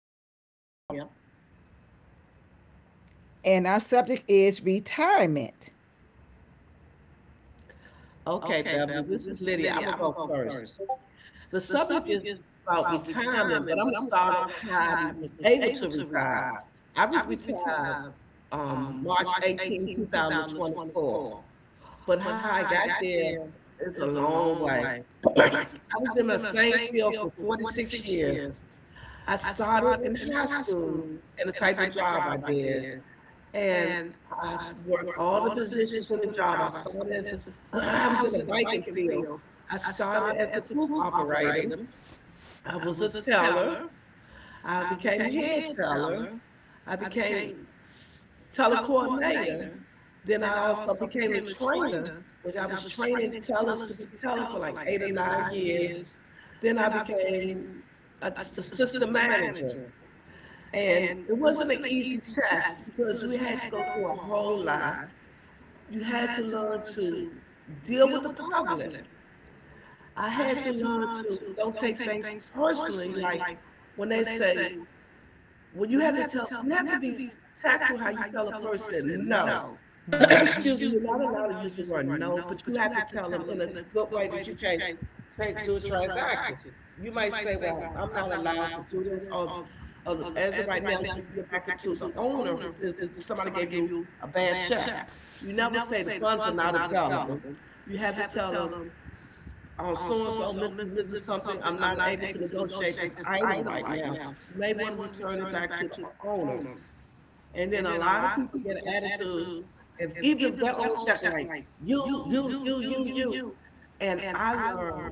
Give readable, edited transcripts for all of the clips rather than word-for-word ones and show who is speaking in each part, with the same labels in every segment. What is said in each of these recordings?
Speaker 1: Lydia.
Speaker 2: and our subject is retirement.
Speaker 1: Okay, Beverly, this is Lydia. I'm gonna go first. The subject is about retirement, but I'm gonna start on how I was able to retire. I was retired March 18, 2024, but how I got there is a long way. I was in my same field for 46 years. I started in high school and the type of job I did. And I work all the positions in the job. I started as a, I was in the biking field. I started as a proof operator. I was a teller. I became head teller. I became s- teller coordinator. Then I also became a trainer, which I was training tellers to be teller for like 8 or 9 years. Then I became a, assistant manager. And it wasn't an easy test because we had to go through a whole lot. You had to learn to deal with the problem. I had to learn to don't take things personally. Like when they say well, you have to tell, you have to be tactful how you tell a person no. Excuse me, you're not allowed to use the word no, but you have to tell them in a good way that you can't take, do a transaction. You might say, "Well, I'm not allowed to do this," or as of right now, you need to get back into the owner who, if somebody gave you a bad check. You never say the funds are not available. You have to tell them on so and so, Mrs. something, I'm not able to negotiate this item right now. You may want to return it back to the owner. And then a lot of people get an attitude, if even if they're on check, like you, you, you, you, you. And I learned,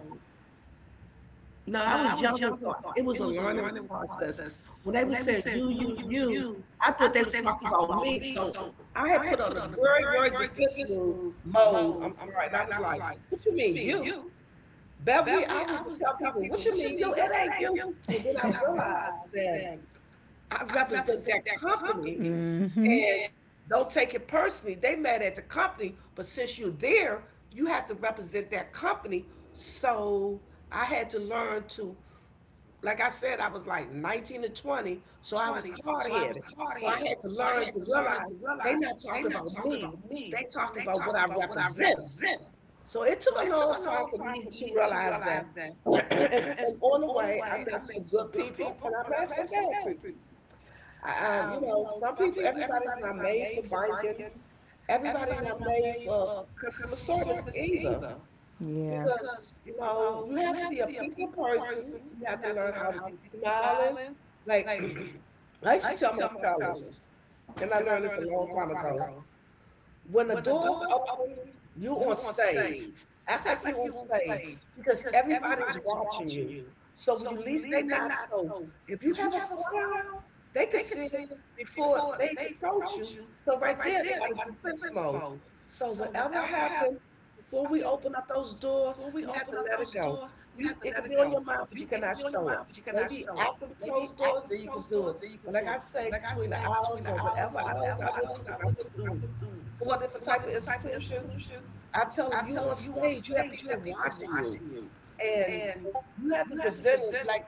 Speaker 1: no, I was younger, so it was a learning process. When they were saying you, you, you, I thought they was talking about me. So I had put on a very, very defensive mode, I'm sorry, and I was like, "What you mean you?" Beverly, I was to tell people, what you mean you? It ain't you. So then I realized that I represent that company
Speaker 2: Mm-hmm.
Speaker 1: and don't take it personally. They mad at the company, but since you're there, you have to represent that company. So I had to learn to, like I said, I was like 19 to 20, so I was hard headed. So I had to learn to realize they not talking about me. They talking about what I represent. So it took a long time for me to realize that. and, and on the way, I met some good people and I met some bad people. You know, some people, everybody's not made for banking. Everybody not made for customer service either,
Speaker 2: Yeah.
Speaker 1: because you know you have to be a people person. You have to learn how to be smiling. Like I used to tell my tellers, and I learned this a long time ago. When the doors open, you on stage. Act like you on stage because everybody's watching you. So when you least they not so. If you have a frown, they can see it before they approach you. So right there, they got a defense mode. So whatever happened before we open up those doors, you have to let it go. You it could be on your mind, but you cannot show it. Maybe after the closed doors, then you can do it. But like I say, between the hours or whatever hours I went to, because I went through for a different type of institution, I tell them you on stage, you have people watching you, and you have to present it like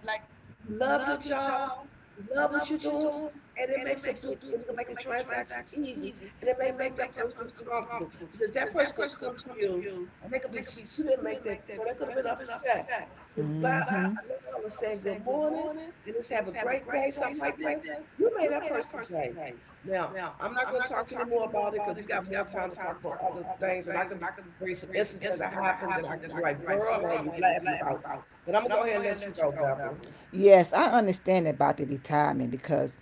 Speaker 1: you love your job, you love what you're doing, and it makes a big, it can make the transaction easy, and it may make that person comfortable because that person could come to you and they could be, you didn't make that, they could have been upset. With by a smile and saying good morning and just have a great day, something like that, you made that person's day. Now, I'm not gonna talk anymore about it because we got more time to talk about other things, and I can bring some incidents that happened that I can be like, girl, I had you laughing about. But I'm gonna go ahead and let you go, Beverly.
Speaker 2: Yes, I understand about the retirement because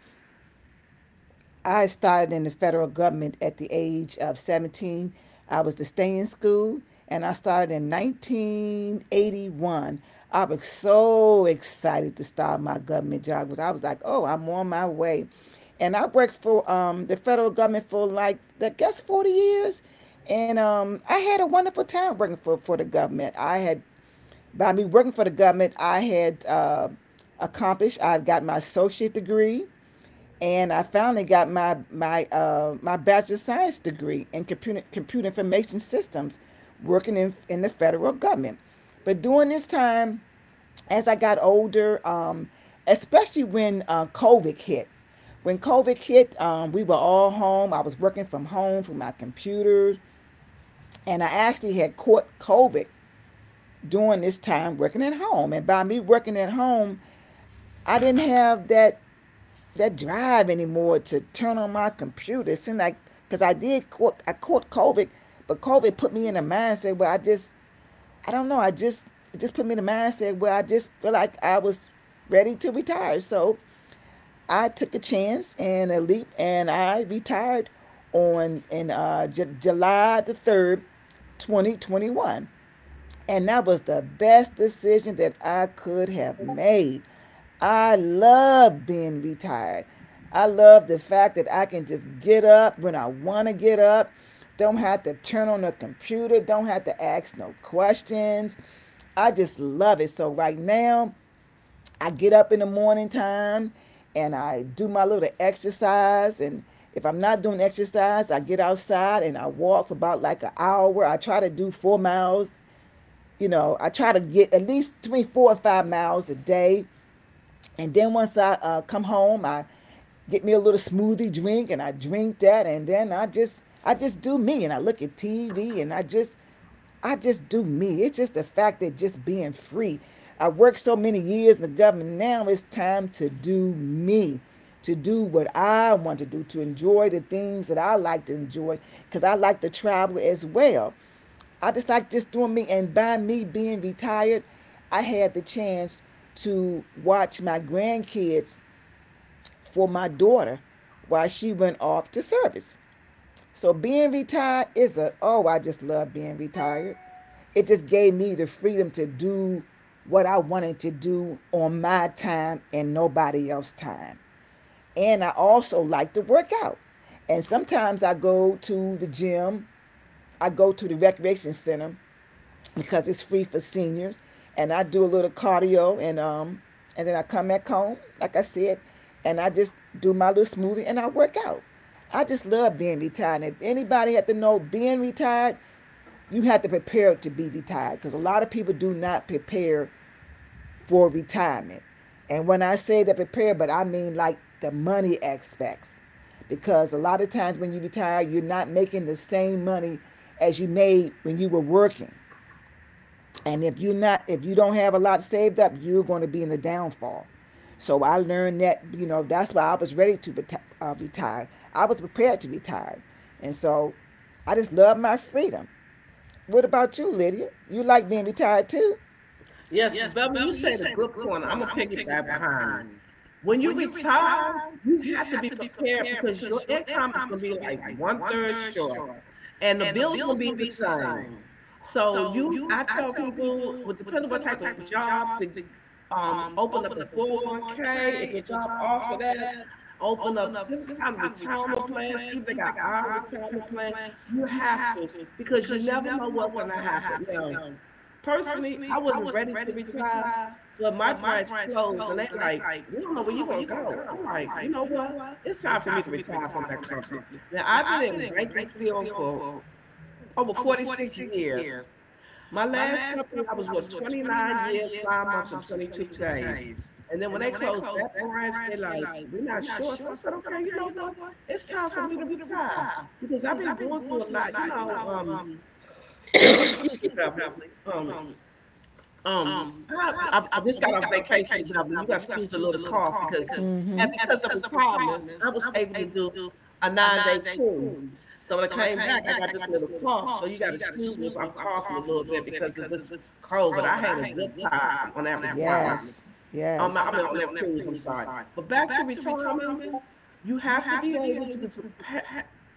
Speaker 2: I started in the federal government at the age of 17. I was to stay in school and I started in 1981. I was so excited to start my government job because I was like, oh, I'm on my way. And I worked for the federal government for like, I guess, 40 years. And I had a wonderful time working for the government. I had, by me working for the government, I had accomplished, I've got my associate degree and I finally got my bachelor of science degree in computer information systems, working in the federal government. But during this time, as I got older, especially when COVID hit, when COVID hit, we were all home. I was working from home from my computer, and I actually had caught COVID during this time working at home. And by me working at home, I didn't have that drive anymore to turn on my computer. It seemed like because I caught COVID, but COVID put me in a mindset where I don't know. I just It just put me in a mindset where I just feel like I was ready to retire. So I took a chance and a leap, and I retired on in July the third, 2021. And that was the best decision that I could have made. I love being retired. I love the fact that I can just get up when I want to get up, don't have to turn on the computer, don't have to ask no questions. I just love it. So, right now, I get up in the morning time and I do my little exercise. And if I'm not doing exercise, I get outside and I walk for about like an hour. I try to do 4 miles. You know, I try to get at least between 4 or 5 miles a day. And then once I come home, I get me a little smoothie drink and I drink that, and then I just do me, and I look at TV, and I just do me. It's just the fact that just being free. I worked so many years in the government. Now it's time to do me, to do what I want to do, to enjoy the things that I like to enjoy, because I like to travel as well. I just like just doing me, and by me being retired, I had the chance to watch my grandkids for my daughter while she went off to service. So being retired is a, oh, I just love being retired. It just gave me the freedom to do what I wanted to do on my time and nobody else's time. And I also like to work out. And sometimes I go to the gym. I go to the recreation center because it's free for seniors. And I do a little cardio, and then I come back home, like I said, and I just do my little smoothie and I work out. I just love being retired. And if anybody had to know being retired, you have to prepare to be retired because a lot of people do not prepare for retirement. And when I say that prepare, but I mean like the money aspects because a lot of times when you retire, you're not making the same money as you made when you were working. And if you're not, if you don't have a lot saved up, you're going to be in the downfall. So I learned that, you know, that's why I was ready to retire. I was prepared to retire. And so I just love my freedom. What about you, Lydia? You like being retired too?
Speaker 1: Yes, but Beverly, you said a good point. I'm gonna piggyback behind you. When you retire, you have to be prepared because your income is going to be like 1/3 short, and the bills going to be the same. So you, I tell people, well, depending on what type of job, to open up a 401k. If your job offer that, open up some kind of retirement plans. Even they got our retirement plan. You have to because you never know what's going to happen. Now, personally, I wasn't ready to retire, but my branch closed and they like, we don't know where you're gonna go. I'm like, you know what? It's time for me to retire from that company. Now I've been in banking field for over 46 years. My last company I was with 29 years, 5 months and 22 days. And then when they closed that branch, they like, we're not sure. So I said, okay, you know what? It's time for me to retire because I've been going through a lot. Excuse me, Beverly. Um, I just got off vacation, Beverly. You got to excuse a little cough because, and
Speaker 2: Mm-hmm.
Speaker 1: because of retirement, I was able to do a 9-day cruise. So when I came back, I got this little cough. So you got to excuse me if I'm coughing a little bit because of this cold. But I had a good time on that retirement.
Speaker 2: Yes,
Speaker 1: I mean,
Speaker 2: retirement.
Speaker 1: on that
Speaker 2: Yes.
Speaker 1: cruise. I'm sorry, but back to retirement, you have to be able to be prepared,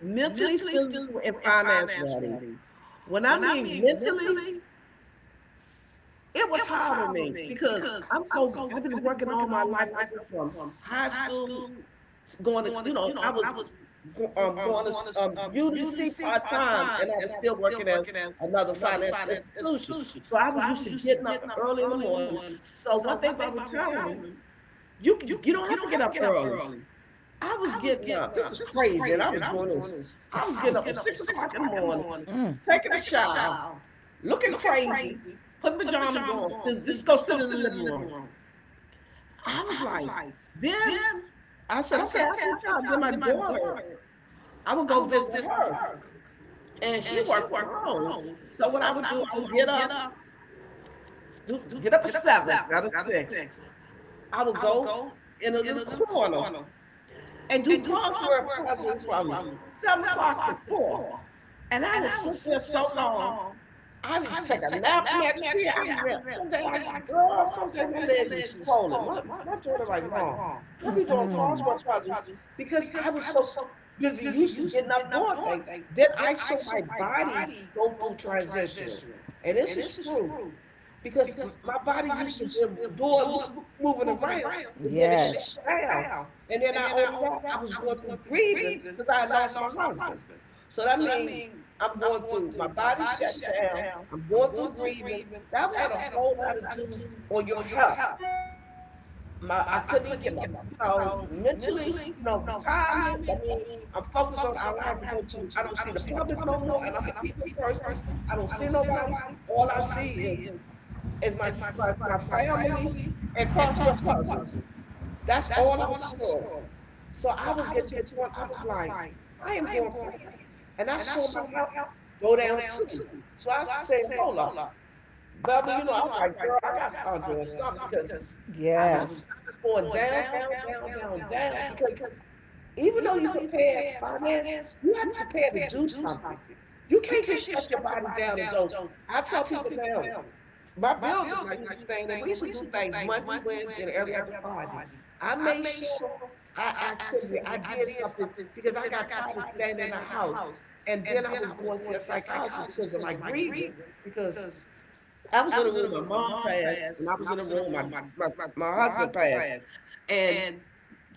Speaker 1: mentally, physical, and finance ready. When I mean mentally, it was hard on me because I'm so I've been working all my life. I went from high school to going to, I was going to UDC part time, and I was still working at another finance institution. So I was used to getting up early in the morning. So one thing about retirement, you can you don't have to get up early. I was getting up. This is crazy, and I was doing this. I was getting up at 6 o'clock in the morning,
Speaker 2: Mm,
Speaker 1: taking a shower, looking crazy, putting pajamas on, just go sit in the living room. I was like, then I said, okay, I can tell. Then my daughter, I would go visit her, and she worked from home. So what I would do, I would get up, do, get up at 7, instead of 6. I would go in a little corner and do crossword puzzle from 7 o'clock to 4, and I would sit there so long. I would take a nap in that shit. I be there. Someday I could grow up. Someday my leg be swollen. My daughter like, Mom, I be
Speaker 2: mm,
Speaker 1: doing crossword
Speaker 2: mm.
Speaker 1: puzzles because I was so busy used to getting up doing things. Then I saw my body go through transitional, and this is true because my body used to be doing moving around, and then it shut down.
Speaker 2: I
Speaker 1: And then not only that, I was going through grieving because I had lost my husband. So that means I'm going through my body shut down. I'm going through grieving. That had a whole lot to do on your health. My I couldn't even get my mentally retirement. I mean I'm focused on I don't have to go to I don't see the public no more, and I'm a people person. I don't see nobody. All I see is my my family and crossword puzzle. That's all I saw. So I was getting to the point I was like, I am going crazy. And I saw my health go down too. So I said, hold up. Beverly, I'm like, girl, I gotta start doing something because
Speaker 2: was,
Speaker 1: I was
Speaker 2: yes,
Speaker 1: going down, down, down, down, down. Because even though you prepare finance, you have to prepare to do something. You can't just shut your body down and don't. I tell people now, my building, I used to stay in it. We used to do things Monday, Wednesday, and every other Friday. I made sure I activity, I did something because I got tired of staying in the house. And then I was going to see a psychiatrist because of my grieving. Because I was in a room, my mom passed, and I was in a room, my, my husband passed. And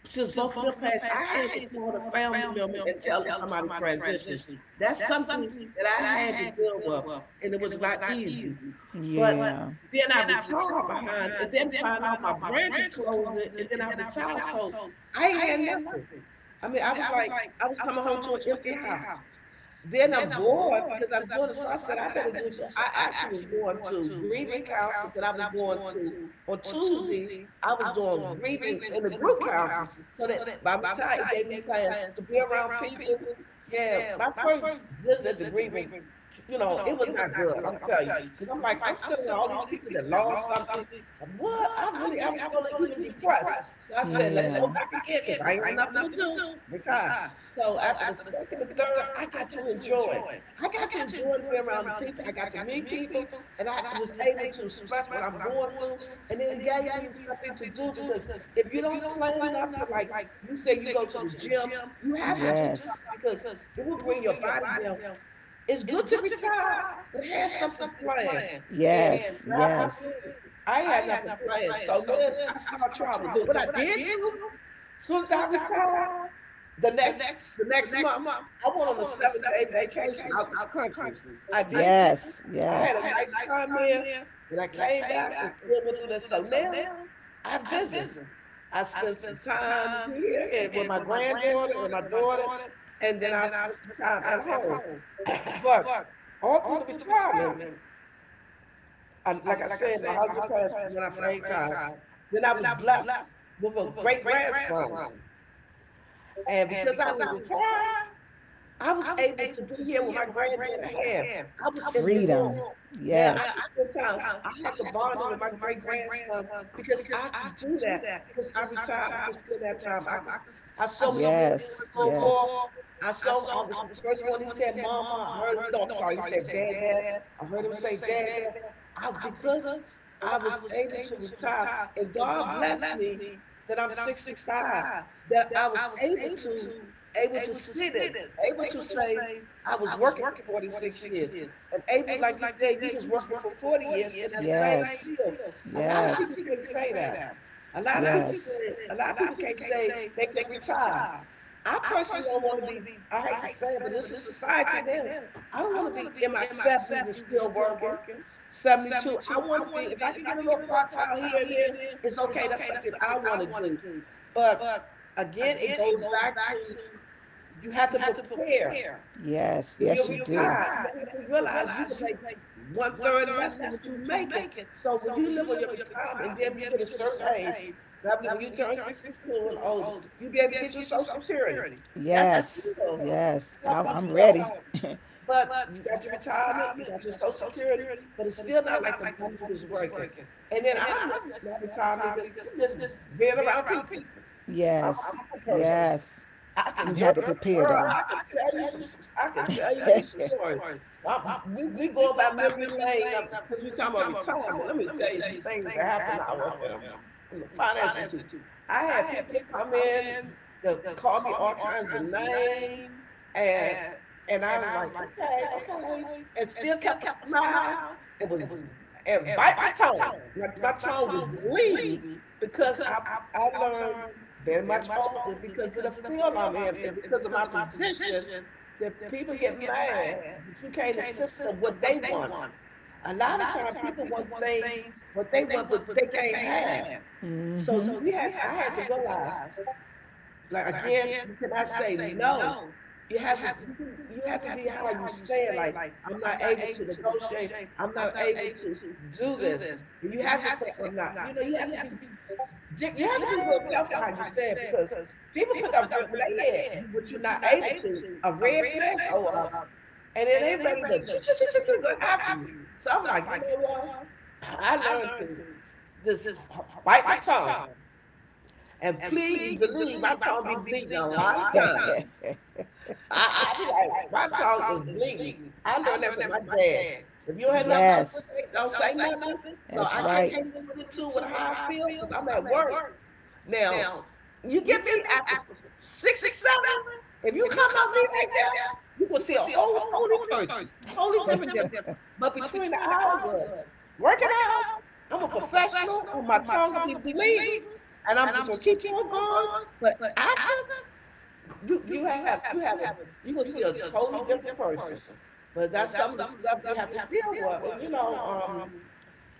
Speaker 1: since both of them passed, I had to call a family member and tell them somebody transitioned. That's something that I had to deal with, and it was not easy.
Speaker 2: but
Speaker 1: But
Speaker 2: yeah, said,
Speaker 1: then I retired behind, and then find out my branch is closing, and then I retired, so I ain't had nothing. I mean, I was like, I was coming home to an empty house, then I'm bored because I'm doing it. So I said, I better do so. I actually was going to grieving counseling that I was going to on Tuesday. I was doing grieving in the group counseling, so that by the time it gave me chance to be around people. Yeah, my first visit to grieving, it was not good. I'm telling you, because I'm like, I'm sitting with all these people that lost something. And what? I really, I was feeling even depressed. So I said, let me go back again because I ain't had nothing to do. Retire. So after the second and third, I got to enjoy it. I got to enjoy being around the people. I got to meet people, and I was able to express what I'm going through. And then it gave me something to do, because if you don't plan nothing, like you say, you go to the gym, you have to do something because it will bring your body down. It's good to retire, but have something planned.
Speaker 2: and I
Speaker 1: And
Speaker 2: yes, moved
Speaker 1: what happened to me? I had nothing planned. So then I started traveling. But what I did do, soon as I retired, the next month, I went on a 7 day vacation out this country. I
Speaker 2: something. I
Speaker 1: did do that. I had a nice
Speaker 2: yes.
Speaker 1: time there. Then I came back and still went through that. So now I visit. I spend some time here and with my granddaughter and my daughter, and then I spend some time at home. But all through the retirement, I, like I said, my husband passed when I first time. Then I was blessed with a great grandson, and because I was retired, I was able to be here when my granddaughter had. I was in the room.
Speaker 2: Now
Speaker 1: Now I
Speaker 2: yes.
Speaker 1: can spend time. I had the bonding with my great grandson because I could do that because I retired. I could spend that time. I could. I saw what he did in the first World War. I saw. I was the first one. He said, "Mama." I heard him. No, I'm sorry. He said, "Dad, Dad." I heard him say, "Dad, Dad." I, because I was able to retire, and God bless me that I'm 65. That I was able to, able to sit it, able to say, I was working for 46 years. And able, like you said, you was working for 40 years in that same field. A lot of
Speaker 2: Of
Speaker 1: people can't say that. A lot of people said, a lot of people can't say they can retire. I personally don't want to be, I hate to say it, but this is society now. I don't want to be in my 70s and still working. 72. I want to be, if I can get a little part time here and there, it's okay. That's something I want to do. But again, it goes back to you have to prepare
Speaker 2: yes.
Speaker 1: when
Speaker 2: Yes,
Speaker 1: you're retired. You have to realize you can make one third less than what you're making. So when you live on your retirement and then you get a certain age, and I believe when you turn 62 and older, you'll be able to get your Social Security. That's still
Speaker 2: yes.
Speaker 1: help you
Speaker 2: I'm,
Speaker 1: some.
Speaker 2: people. Person.
Speaker 1: But you got your retirement, you got your Social Security, but it's still not like the money you was working. And then I miss my retirement because I miss being around people. I'm a
Speaker 2: Yes.
Speaker 1: people person. I can, girl, girl, I can tell you some, I can tell you some stories. I We going by memory lane, since we talking about retirement. Let me tell you some things that happened. I was in the finance institute. I had people to come in to call me all kinds of names, and I was like, okay, okay, and still kept a smile, and was and bite my tongue. My tongue was bleeding because I learned. They're much older because of the field I'm in and because of my position, that people get mad that you can't assist them what they want. A lot of time people want things what they want but they can't have.
Speaker 2: Mm-hmm.
Speaker 1: So we had I had to realize, like again, you cannot say no. You have to you, can- you have to be how you say it, like I'm not able to negotiate, I'm not able to do this. And you have to say I'm not, you know, you have to be Dick, you have to be real careful how you say it, because people pick up red when they hear you- what you're not able to, a red flag go up, and then they ready to choo, choo, choo, choo, choo, go after you. So I'm like, you know what? I learned to just bite my tongue, and please believe my tongue be bleeding a lot of time. I be like, my tongue is bleeding. I learned that from my dad. If you don't have nothing good to say, don't say nothing. So
Speaker 2: That's.
Speaker 1: I can't really put it to with how I feel because I'm at work. Now, you get me after six or seven, if you come at me like that, you will see a whole totally person, totally different, different. But between the hours of working hours, I'm a professional, and my tongue will be bleeding, and I'm just gonna keep on going. But after you have a you gonna see a totally different person. But that's some of the stuff you have to deal with, and you know.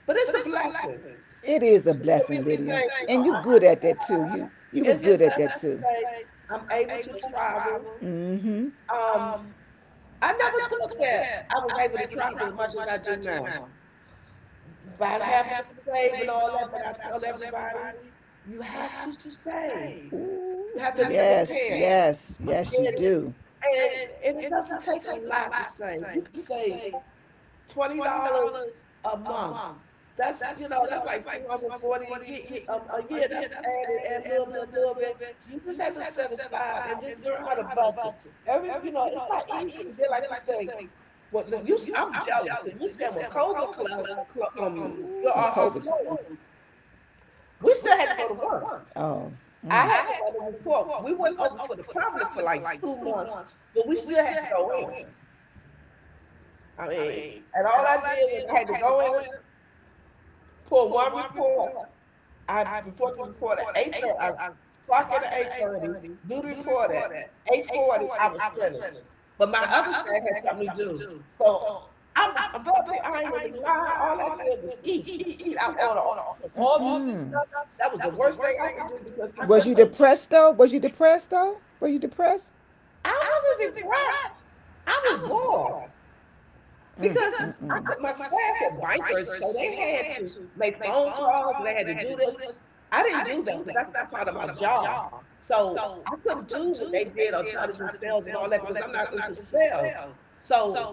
Speaker 1: But it's a blessing
Speaker 2: It is a
Speaker 1: for
Speaker 2: blessing,
Speaker 1: me to say, you know, I can be.
Speaker 2: you was.
Speaker 1: It's a blessing to say I'm able to travel.
Speaker 2: Mm-hmm.
Speaker 1: Um, I never thought that I was able to travel as much as I do now. About having to save and all that, but I tell everybody, you have to save. You have
Speaker 2: Ooh.
Speaker 1: to be prepared.
Speaker 2: Yes, yes, you.
Speaker 1: And and and it doesn't take a lot to save. You can save $20 a month. That's, you know, that's like 240 a year. A year that's added, add a little bit, a little bit. You just have to set aside and just learn how to budget. Every, you know, it's not easy. And then like you say, well look, you I'm jealous because you said when COVID closed, um your office closed, we still had to go to work.
Speaker 2: Oh.
Speaker 1: I
Speaker 2: Mm.
Speaker 1: had to write a report. We went over for the public for like 2 months, but we still had to go in. I mean, and all I did was I had to go in, pull one report, I report the report at 8:30. I clock in at 8:30. Do the report at 8:40. I was finished, but my other side had something to do. So I'm above me. I ain't gonna be lying. All I did was eat, eat, eat. I ordered all- from all this stuff. That was the worst thing I could do because I couldn't do.
Speaker 2: Depressed though? Was you depressed though? Were you depressed?
Speaker 1: I wasn't depressed. I was bored. Because I
Speaker 2: Mm.
Speaker 1: could, my staff were bankers, so they had to make phone calls and they had to do this. I didn't do that because that's not part of my job. So I couldn't do what they did or try to do sales and all that because I'm not into sales. So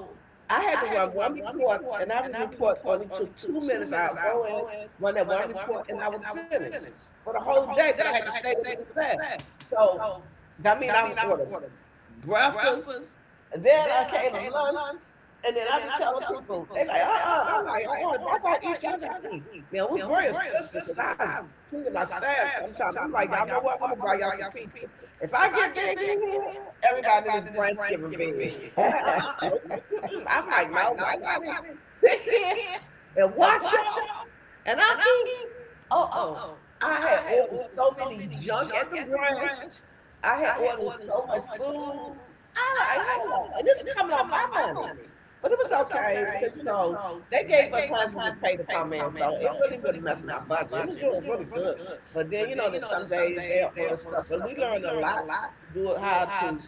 Speaker 1: I had to run one report, and that report only took 2 minutes. I'll go in, run that one report, and I was finished for the whole day. But I had to stay there with the staff. So that mean I would order breakfast. And then I came to lunch, and then I be telling people, they like, uh-uh. And I'm like, uh-uh, if I gotta eat, y'all gotta eat. Now, it was very expensive because I treated my staff sometimes. I'm like, y'all know what? I'm gonna buy y'all some pizza. If I get big in here, everybody in this branch giving big. They're like, uh-uh, nope. Mm-mm. I'm like, no, I gotta sit here and watch y'all, and I'm eating. Uh-oh. I had ordered so many junk at the branch. I had ordered so much food. I like, hold up. And this is coming on my money. But it was okay because, you know, they gave us hundreds of pay to come in. So it really wasn't messing my budget. It was doing really good. But then, you know, that some days they don't order stuff. But we learned a lot do it how to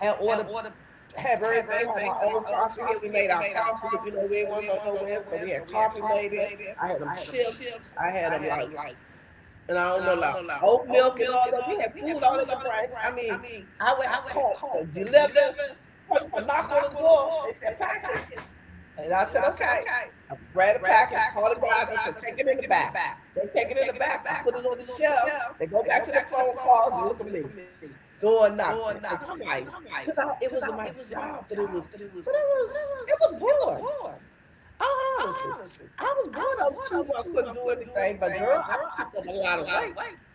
Speaker 1: have order have everything, had our own coffee here. We made our coffee because you know we didn't want to go nowhere. So we had coffee made here. I had them chips. I had them like and I don't know like oat milk and all that. We have food all at the branch. I mean, call them deliver. Person would knock on the door. They said package, and I said okay. I grab the package, call the guys. I said take it in the back. They take it in the back. I put it on the shelf. They go back to the phone calls and look at me doing nothing because I'm like, it was my job, but it was bored. Oh, honestly, I was one of those two where I couldn't do anything, but girl, I picked up a lot of weight.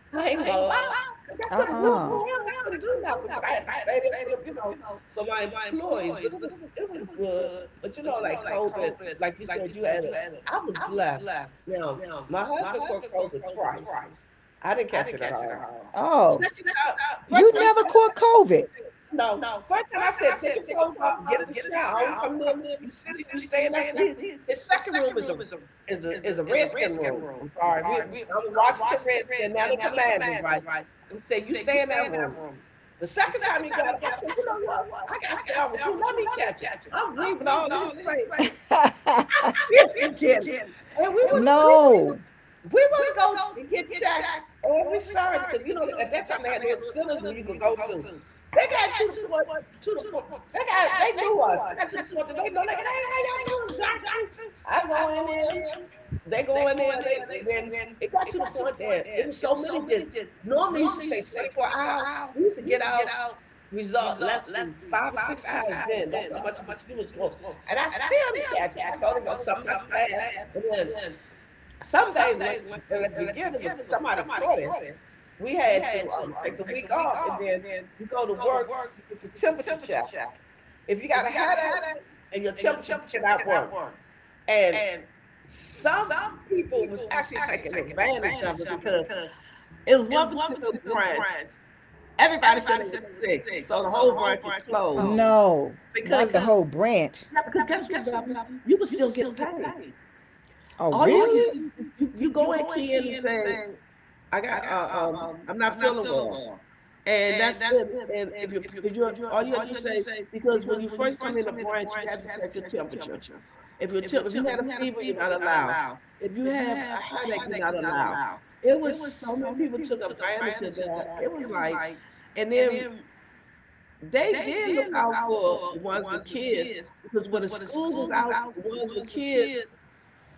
Speaker 1: I ain't gonna lie, because I couldn't walk around, I couldn't do nothing, but I had to stay there for the, you know, for my employees. But it was good. But you know, like COVID, like you said, you had it. I was blessed. Now, my husband caught COVID twice. I didn't catch it at all. The
Speaker 2: Oh,
Speaker 1: second time, first time he came, I said, no. First time I said, take your clothes off, get in the shower. I don't come in. You sitting, you staying up. He, his second room is a is a is a redskin room. I'm sorry. We I'm a Washington Redskin, now the commanders, right? And said, you stay in that room. The second time he got it, I said, you know what? I gotta stay out with you. Let me catch it. I'm breathing all in his face.
Speaker 2: caught COVID.
Speaker 1: I still didn't get it. And we were
Speaker 2: No,
Speaker 1: we would go and get checked every Saturday because you know at that time they had little centers where you could go to. They got to the point To the point they got they knew us. I got to the point that they know like, hey, how y'all doing, Jackson? I go in there, they go in there, and they and then it got to the point that it was so many that normally used to say 24 hours. We used to get out result less than 5 or 6 hours then. That's how much was it was going. And I still didn't catch it. I go to work, some of my staff, and then some days when at the beginning was somebody cured him, we had to take the week off, and then you go to work, you get your temperature checked. If you got a headache and your temperature you cannot work, and some people was actually taking advantage of it because it was one particular branch. Everybody said they was sick, so the whole branch was closed
Speaker 2: no, not
Speaker 1: because
Speaker 2: branch.
Speaker 1: yeah, because guess what, Beverly? You was still getting paid.
Speaker 2: Oh, all you
Speaker 1: All you had to
Speaker 2: really?
Speaker 1: do is you, you go in, Ken, and say, I got I'm not feeling well. And that's it. And if you all you gotta do is say because when you first come in the branch, you have to check your temperature. If your temp, if you had a fever, you're not allowed. If you have a headache, you're not allowed. It was so many people took advantage of that. It was like, and then they did look out for the ones with kids because when the school was out, the ones with kids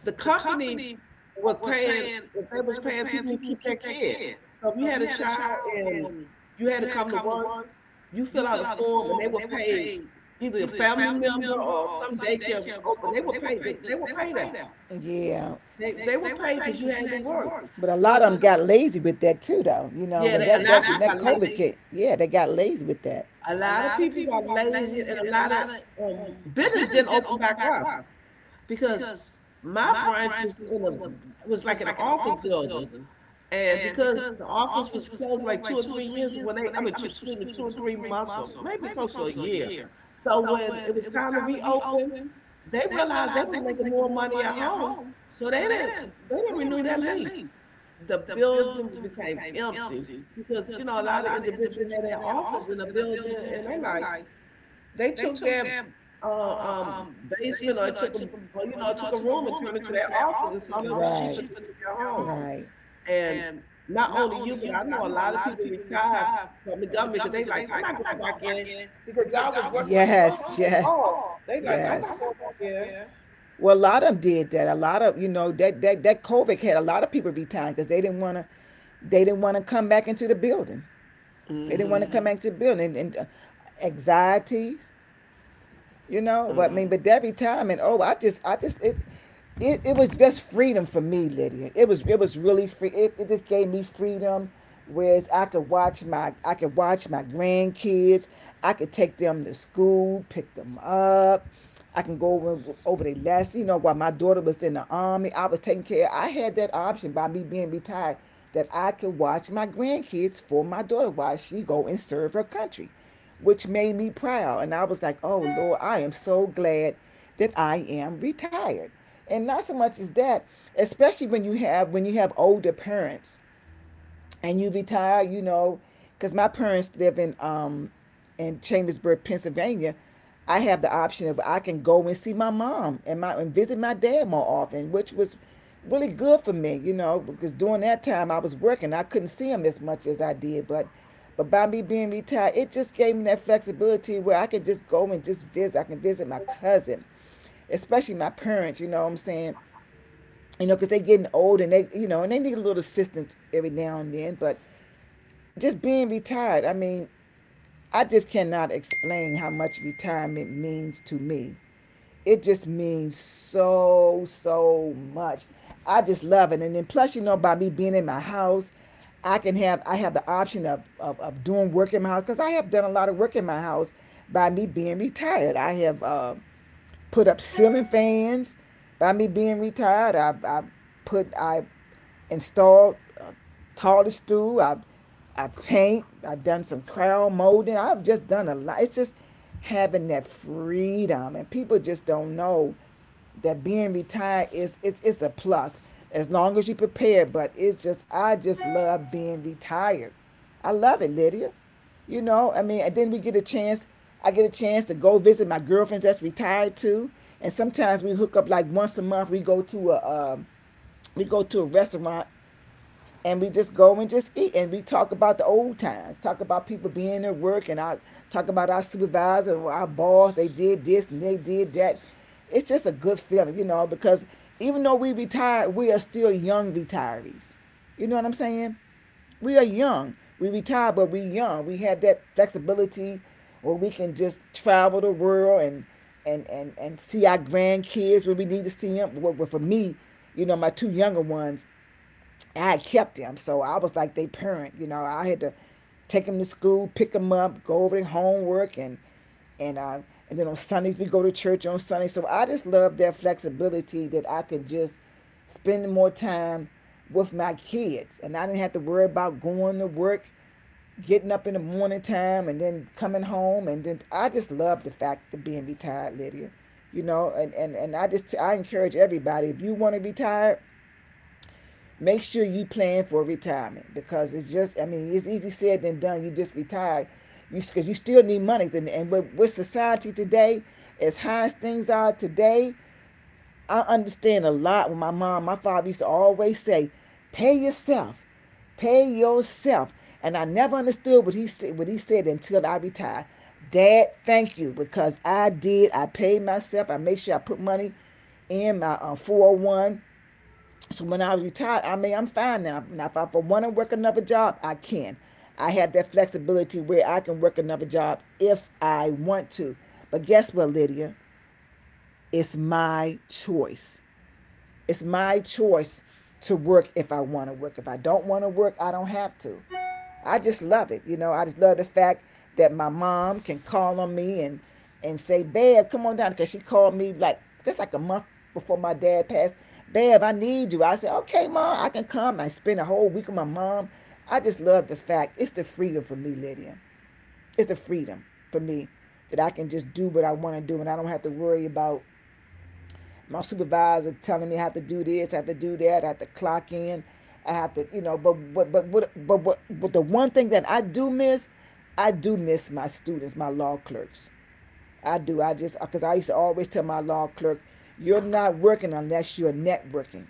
Speaker 1: the company was paying they was paying people who keep their kid. So if you had a child and you had to come to work, you fill out a form and they were paid either a family member or some daycare was open. They were paid. They were paid out.
Speaker 2: Yeah.
Speaker 1: They were paid because you had to work.
Speaker 2: But a lot
Speaker 1: But you know,
Speaker 2: got lazy with that too, though. You know,
Speaker 1: yeah, they, a lot of people got lazy.
Speaker 2: hit, yeah, they got lazy with that.
Speaker 1: A lot of people got lazy, and a lot of business didn't open back up. Because my branch was in a was like an office building, and because the office was closed like 2 or 3 years when they I mean two, excuse me 2 or 3 months or maybe close to a year, so when it was time to reopen, they realized they was making more money at home, so they didn't renew their lease. The building became empty because you know a lot of individuals had their office in the building, and they're like, they took their, uh, um, basement or took a or, you know, took a room and turned it to their office and found it was cheaper to work at home. And not only you, but I know a lot of people retired from the government because they like, "I'm not going back in," because y'all was working from home so long. They like, "I'm not
Speaker 2: Yes.
Speaker 1: going back in."
Speaker 2: Well, a lot of them did that. A lot of, you know, that COVID had a lot of people retiring because they didn't want to, they didn't want to come back into the building. They didn't want to
Speaker 1: Mhm.
Speaker 2: come, mm, back to the building, and anxieties. You know, but I mean, but that retirement, oh, I just It was just freedom for me, Lydia. It was really free. It just gave me freedom, whereas I could watch my grandkids. I could take them to school, pick them up. I can go over their last, you know, while my daughter was in the army, I was taking care, I had that option by me being retired, that I could watch my grandkids for my daughter while she go and serve her country, which made me proud. And I was like, oh, Lord, I am so glad that I am retired. And not so much as that, especially when you have older parents, and you be tired, you know, because my parents live in in Chambersburg, Pennsylvania. I have the option of I can go and see my mom and my and visit my dad more often, which was really good for me, you know, because during that time I was working, I couldn't see him as much as I did, but by me being retired, it just gave me that flexibility where I can just go and just visit. I can visit my cousin, especially my parents, you know what I'm saying? You know, because they are getting old and they, you know, and they need a little assistance every now and then. But just being retired. I mean, I just cannot explain how much retirement means to me. It just means so, so much. I just love it. And then plus, you know, by me being in my house, I have the option of doing work in my house because I have done a lot of work in my house by me being retired. I have put up ceiling fans. By me being retired, I installed a taller stool. I paint. I've done some crown molding. I've just done a lot. It's just having that freedom, and people just don't know that being retired is it's a plus as long as you prepare, but it's just. I just love being retired. I love it, Lydia. You know, I mean, and then we get a chance I get a chance to go visit my girlfriends that's retired too. And sometimes we hook up like once a month, we go to a restaurant, and we just go and just eat, and we talk about the old times, talk about people being at work, and I talk about our supervisor and our boss, they did this and they did that. It's just a good feeling, you know, because even though we retired, we are still young retirees, you know what I'm saying? We are young, we retired, but we young, we have that flexibility where we can just travel the world, and see our grandkids when we need to see them. Well, well, for me, you know, my two younger ones, I had kept them, so I was like their parent. You know, I had to take them to school, pick them up, go over their homework, and uh, and then on Sundays we go to church on Sunday. So I just love that flexibility that I could just spend more time with my kids, and I didn't have to worry about going to work, getting up in the morning time, and then coming home, and then I just love the fact of being retired, Lydia. You know, and I encourage everybody if you want to retire make sure you plan for retirement because it's just I mean it's easy said than done you just retired you because you still need money with society today as high as things are today. I understand a lot when my father used to always say pay yourself, pay yourself, and I never understood what he said until I retired. Dad, thank you, because I did, I paid myself, I made sure I put money in my 401. So when I was retired, I mean, I'm fine now. Now, if I want to work another job, I can. I have that flexibility where I can work another job if I want to. But guess what, Lydia? It's my choice. It's my choice to work if I want to work. If I don't want to work, I don't have to. I just love it. You know, I just love the fact that my mom can call on me and say, "Babe, come on down," because she called me just like a month before my dad passed. "Babe, I need you." I said, "Okay, mom, I can come." I spend a whole week with my mom. I just love the fact it's the freedom for me, Lydia. It's the freedom for me, that I can just do what I want to do and I don't have to worry about my supervisor telling me I have to do this, I have to do that, I have to clock in, I have to, you know, but the one thing that I do miss my students, my law clerks. I do. I just because I used to always tell my law clerk, "You're not working unless you're networking,"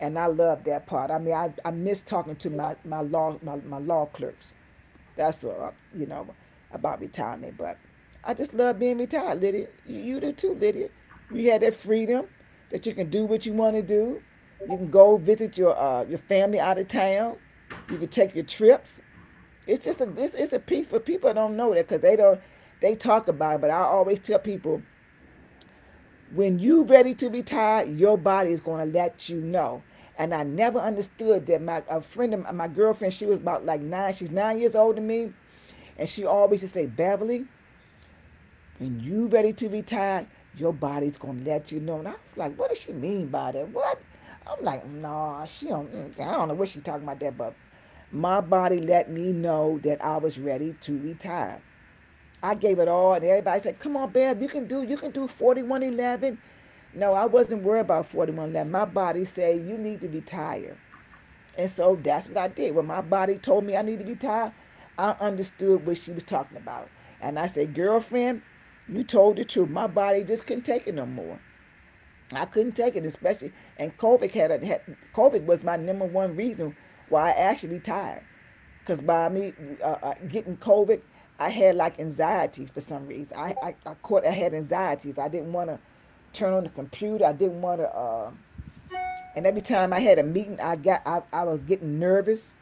Speaker 2: and I love that part. I mean, I miss talking to my law clerks. That's what, you know, about retirement. But I just love being retired, Lydia. You do too, Lydia. You had that freedom that you can do what you want to do. You can go visit your family out of town. You can take your trips. It's just it's a piece for people that don't know that, because they don't, they talk about it. But I always tell people, when you ready to retire, your body is going to let you know. And I never understood that. My a friend of my my girlfriend, she was about like nine. She's 9 years older than me, and she always just say, Beverly. When you ready to retire, your body's gonna let you know. And I was like, what does she mean by that? What? I'm like, nah, she don't. I don't know what she talking about that, but my body let me know that I was ready to retire. I gave it all, and everybody said, "Come on, babe, you can do. You can do 4111." No, I wasn't worried about 4111. My body said, "You need to retire." And so that's what I did. When my body told me I need to be tired, I understood what she was talking about. And I said, Girlfriend, you told the truth. My body just couldn't take it no more. I couldn't take it, especially and COVID had, a, had COVID was my number one reason why I actually retired. Cause by me getting COVID, I had like anxiety for some reason. I had anxieties. I didn't want to turn on the computer. I didn't want to. And every time I had a meeting, I was getting nervous,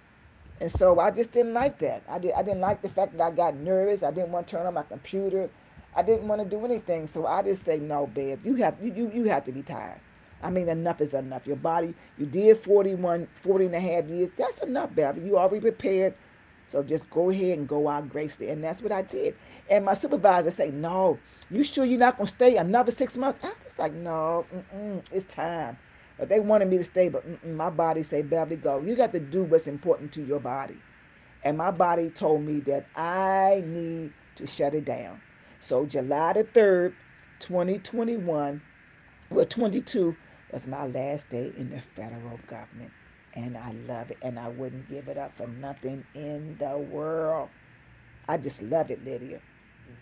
Speaker 2: and so I just didn't like that. I didn't like the fact that I got nervous. I didn't want to turn on my computer. I didn't want to do anything. So I just say, no, babe, you have to be tired. I mean, enough is enough. Your body, you did 41, 40 and a half years. That's enough, baby. You already prepared. So just go ahead and go out gracefully. And that's what I did. And my supervisor said, No, you sure you're not going to stay another 6 months? I was like, No, mm-mm, it's time. But they wanted me to stay, but mm-mm, my body said, Beverly, go. You got to do what's important to your body. And my body told me that I need to shut it down. So July the 3rd, 2021, well, 22, was my last day in the federal government, and I love it, and I wouldn't give it up for nothing in the world. I just love it, Lydia.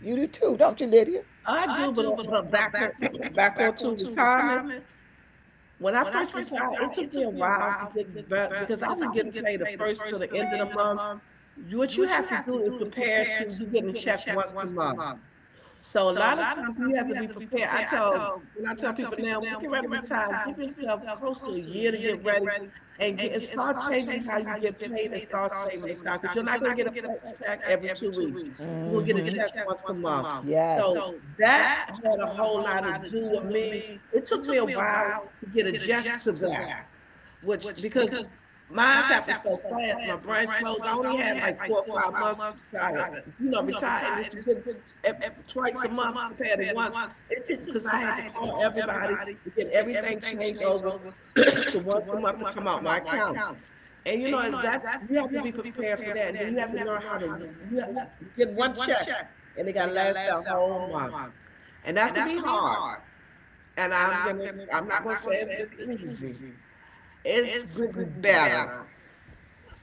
Speaker 2: You do too, don't you, Lydia?
Speaker 1: I do, but back on, back onto retirement. When I first retired, it took me a while to get back because I was getting paid the first to the end of the month. What you have to do is prepare to you getting a check once a month. So a lot of times you have to be prepared. I tell when I tell people now, when you get ready to retire, give yourself close to a year to get ready, and get and start changing how you get paid and start saving the stock because you're not going to get a pay- check every 2 weeks. You're going to get a check once a month.
Speaker 2: Yes.
Speaker 1: So that had a whole lot to do with me. It took me a while to get adjusted to that which because mine happened so fast. My branch closed. I only had like 4 or 5 months to try to, you know, retire, and it's to get ev- twice a month compared to once. It took because I had to call everybody to get everything changed over to once a month to come out my account. And you know that you have to be prepared for that, and then you have to learn how to you have- get one check, and it got to last that whole month, and that could be hard. And I'm gonna, I'm not gonna say it's been easy. It's getting better.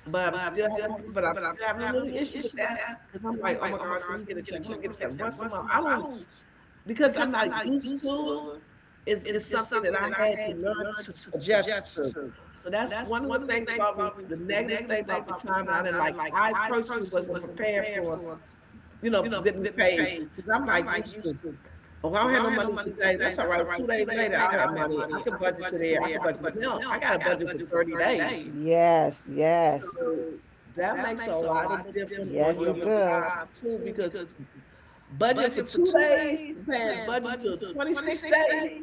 Speaker 1: But I'm still having a little issue with that because I'm like, oh my gosh, when I'm get a check once a month, I don't because I'm not used to it. It's something that I had to learn to adjust to. So that's one of the things about me, the negative thing about retirement. I didn't like. I personally wasn't prepared for, you know, getting paid because I'm like used to. Oh, I don't have no money today. That's all right. 2 days later, I'll have money. I can budget today. I can budget, but now I got a budget for 30 days.
Speaker 2: Yes, yes.
Speaker 1: So, that makes a lot of difference on your retirement too, because budget for 2 days compared budget to 26 days,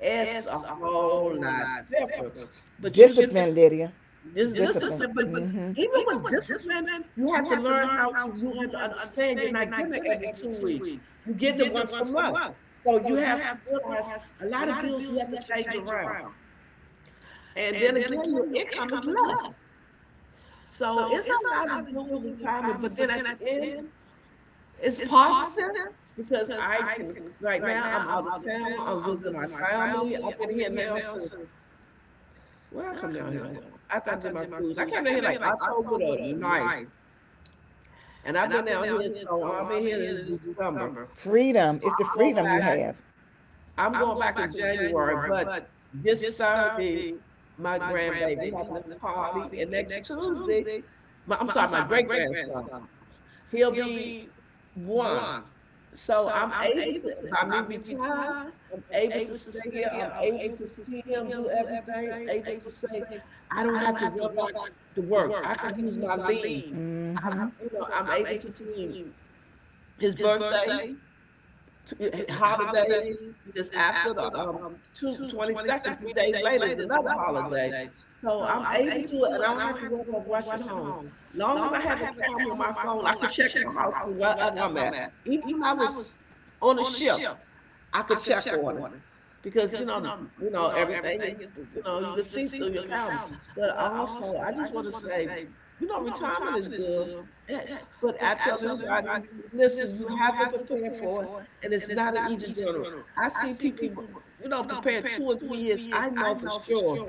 Speaker 1: it's a whole lot different. But you
Speaker 2: Get,
Speaker 1: get
Speaker 2: Lydia.
Speaker 1: this discipline, but
Speaker 2: Hmm.
Speaker 1: even with discipline, you have to learn how to, you have to understand you're not getting it every 2 weeks. You're getting it once a month. So you have to realize a lot of bills you have to change around. And then again, your income is less. So it's a lot to do with retirement, but then at the end, it's positive because I can right now I'm out of town. I'm visiting my family. I've been here now since when I come down here. After I did my cruise, I came down here like October the 9th, and I've been down here so I've been here this December. So
Speaker 2: Freedom. It's the
Speaker 1: I'm going back.
Speaker 2: I have to.
Speaker 1: I'm going back in January, but this Saturday, my grandbaby having this party, and next Tuesday, my, I'm sorry, my great grandson, he'll be one. So I'm able to, by me retire, I'm able to stay here. I'm able to see him do everything. I'm able to say, I don't have to run back to work. I can use my leave. I,
Speaker 2: Hmm.
Speaker 1: you know, I'm able to see his birthday, to, holidays, because after the 22nd, 3 days later is another holiday. So I'm able to, and I don't have to worry about rushing home. Long as I have a camera on my phone, I can check my house from wherever I'm at. Even when I was on a ship, I could check on it because everything is, you can see through your calendar. But also, I just want to say, retirement is good, eh, but I tell anybody, listen, you have to prepare for it, and it's not an easy journey. I see people, prepare 2 or 3 years. I know for sure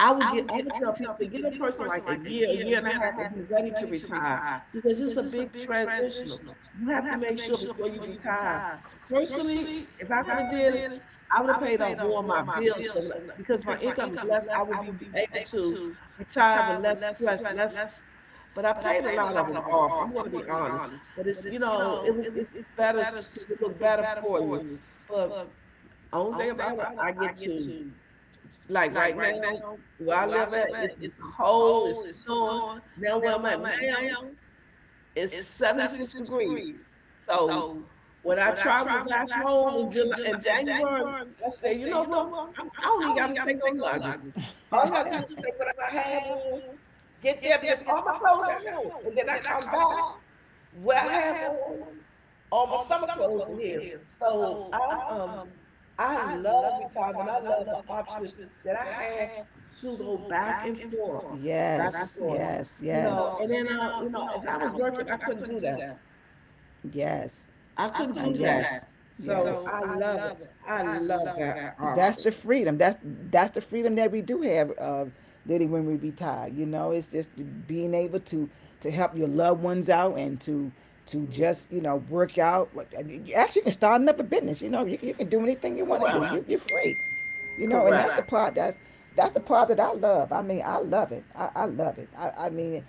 Speaker 1: I would tell people, give a person like a year and a half, and be ready to retire because it's a big transitional. You have to make sure before you retire. Personally, if I could have did it, I would have paid off more of my bills. Because my income is less, I would be able to retire with less stress, less. But I paid a lot of them off. I'm going to be honest, but it's you know, it was it's better because it looked better for you. But only thing about it, I get to. Like right now, where I live at, it's cold, it's snowing. Now where I'm at now, it's 76 degrees. So when I travel back home in July in January, I say, you know what? I don't even got to take no luggage. All I got to do is take what I have on, get there because all my clothes at home, and then I come back. What I have on my summer clothes in here. So I love retirement. I love the option that I had to go back and forth, back and
Speaker 2: Yes,
Speaker 1: forth.
Speaker 2: yes,
Speaker 1: You
Speaker 2: yes.
Speaker 1: know, and then if I was working, I couldn't do that.
Speaker 2: Yes.
Speaker 1: I couldn't do that.
Speaker 2: Yes.
Speaker 1: So
Speaker 2: Yes.
Speaker 1: I love it. I love that
Speaker 2: That's
Speaker 1: option.
Speaker 2: the option. Freedom. That's the freedom that we do have, Liddy, when we retire. You know, it's just being able to help your loved ones out and to just, you know, work out. Like, and you- Actually, you can start another business. You know, you can do anything you want to do.
Speaker 1: Correct.
Speaker 2: You're free. You know, and that's
Speaker 1: Correct.
Speaker 2: right. The Right. part, that's the part that I love. I mean, I love it. I love it. I mean,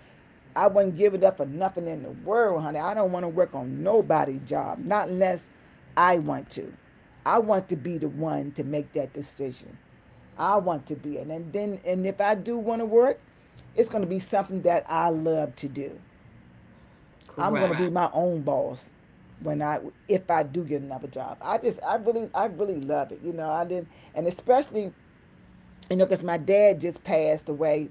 Speaker 2: I wouldn't give it up for nothing in the world, honey. I don't want to work on nobody's job, not unless I want to. I want to be the one to make that decision. I want to be, and if I do want to work, it's going to be something that I love to do. I'm going right.
Speaker 1: Correct.
Speaker 2: To be Right. my own boss when I, if I do get another job. I really love it. You know, I didn't and especially, you know, because my dad just passed away.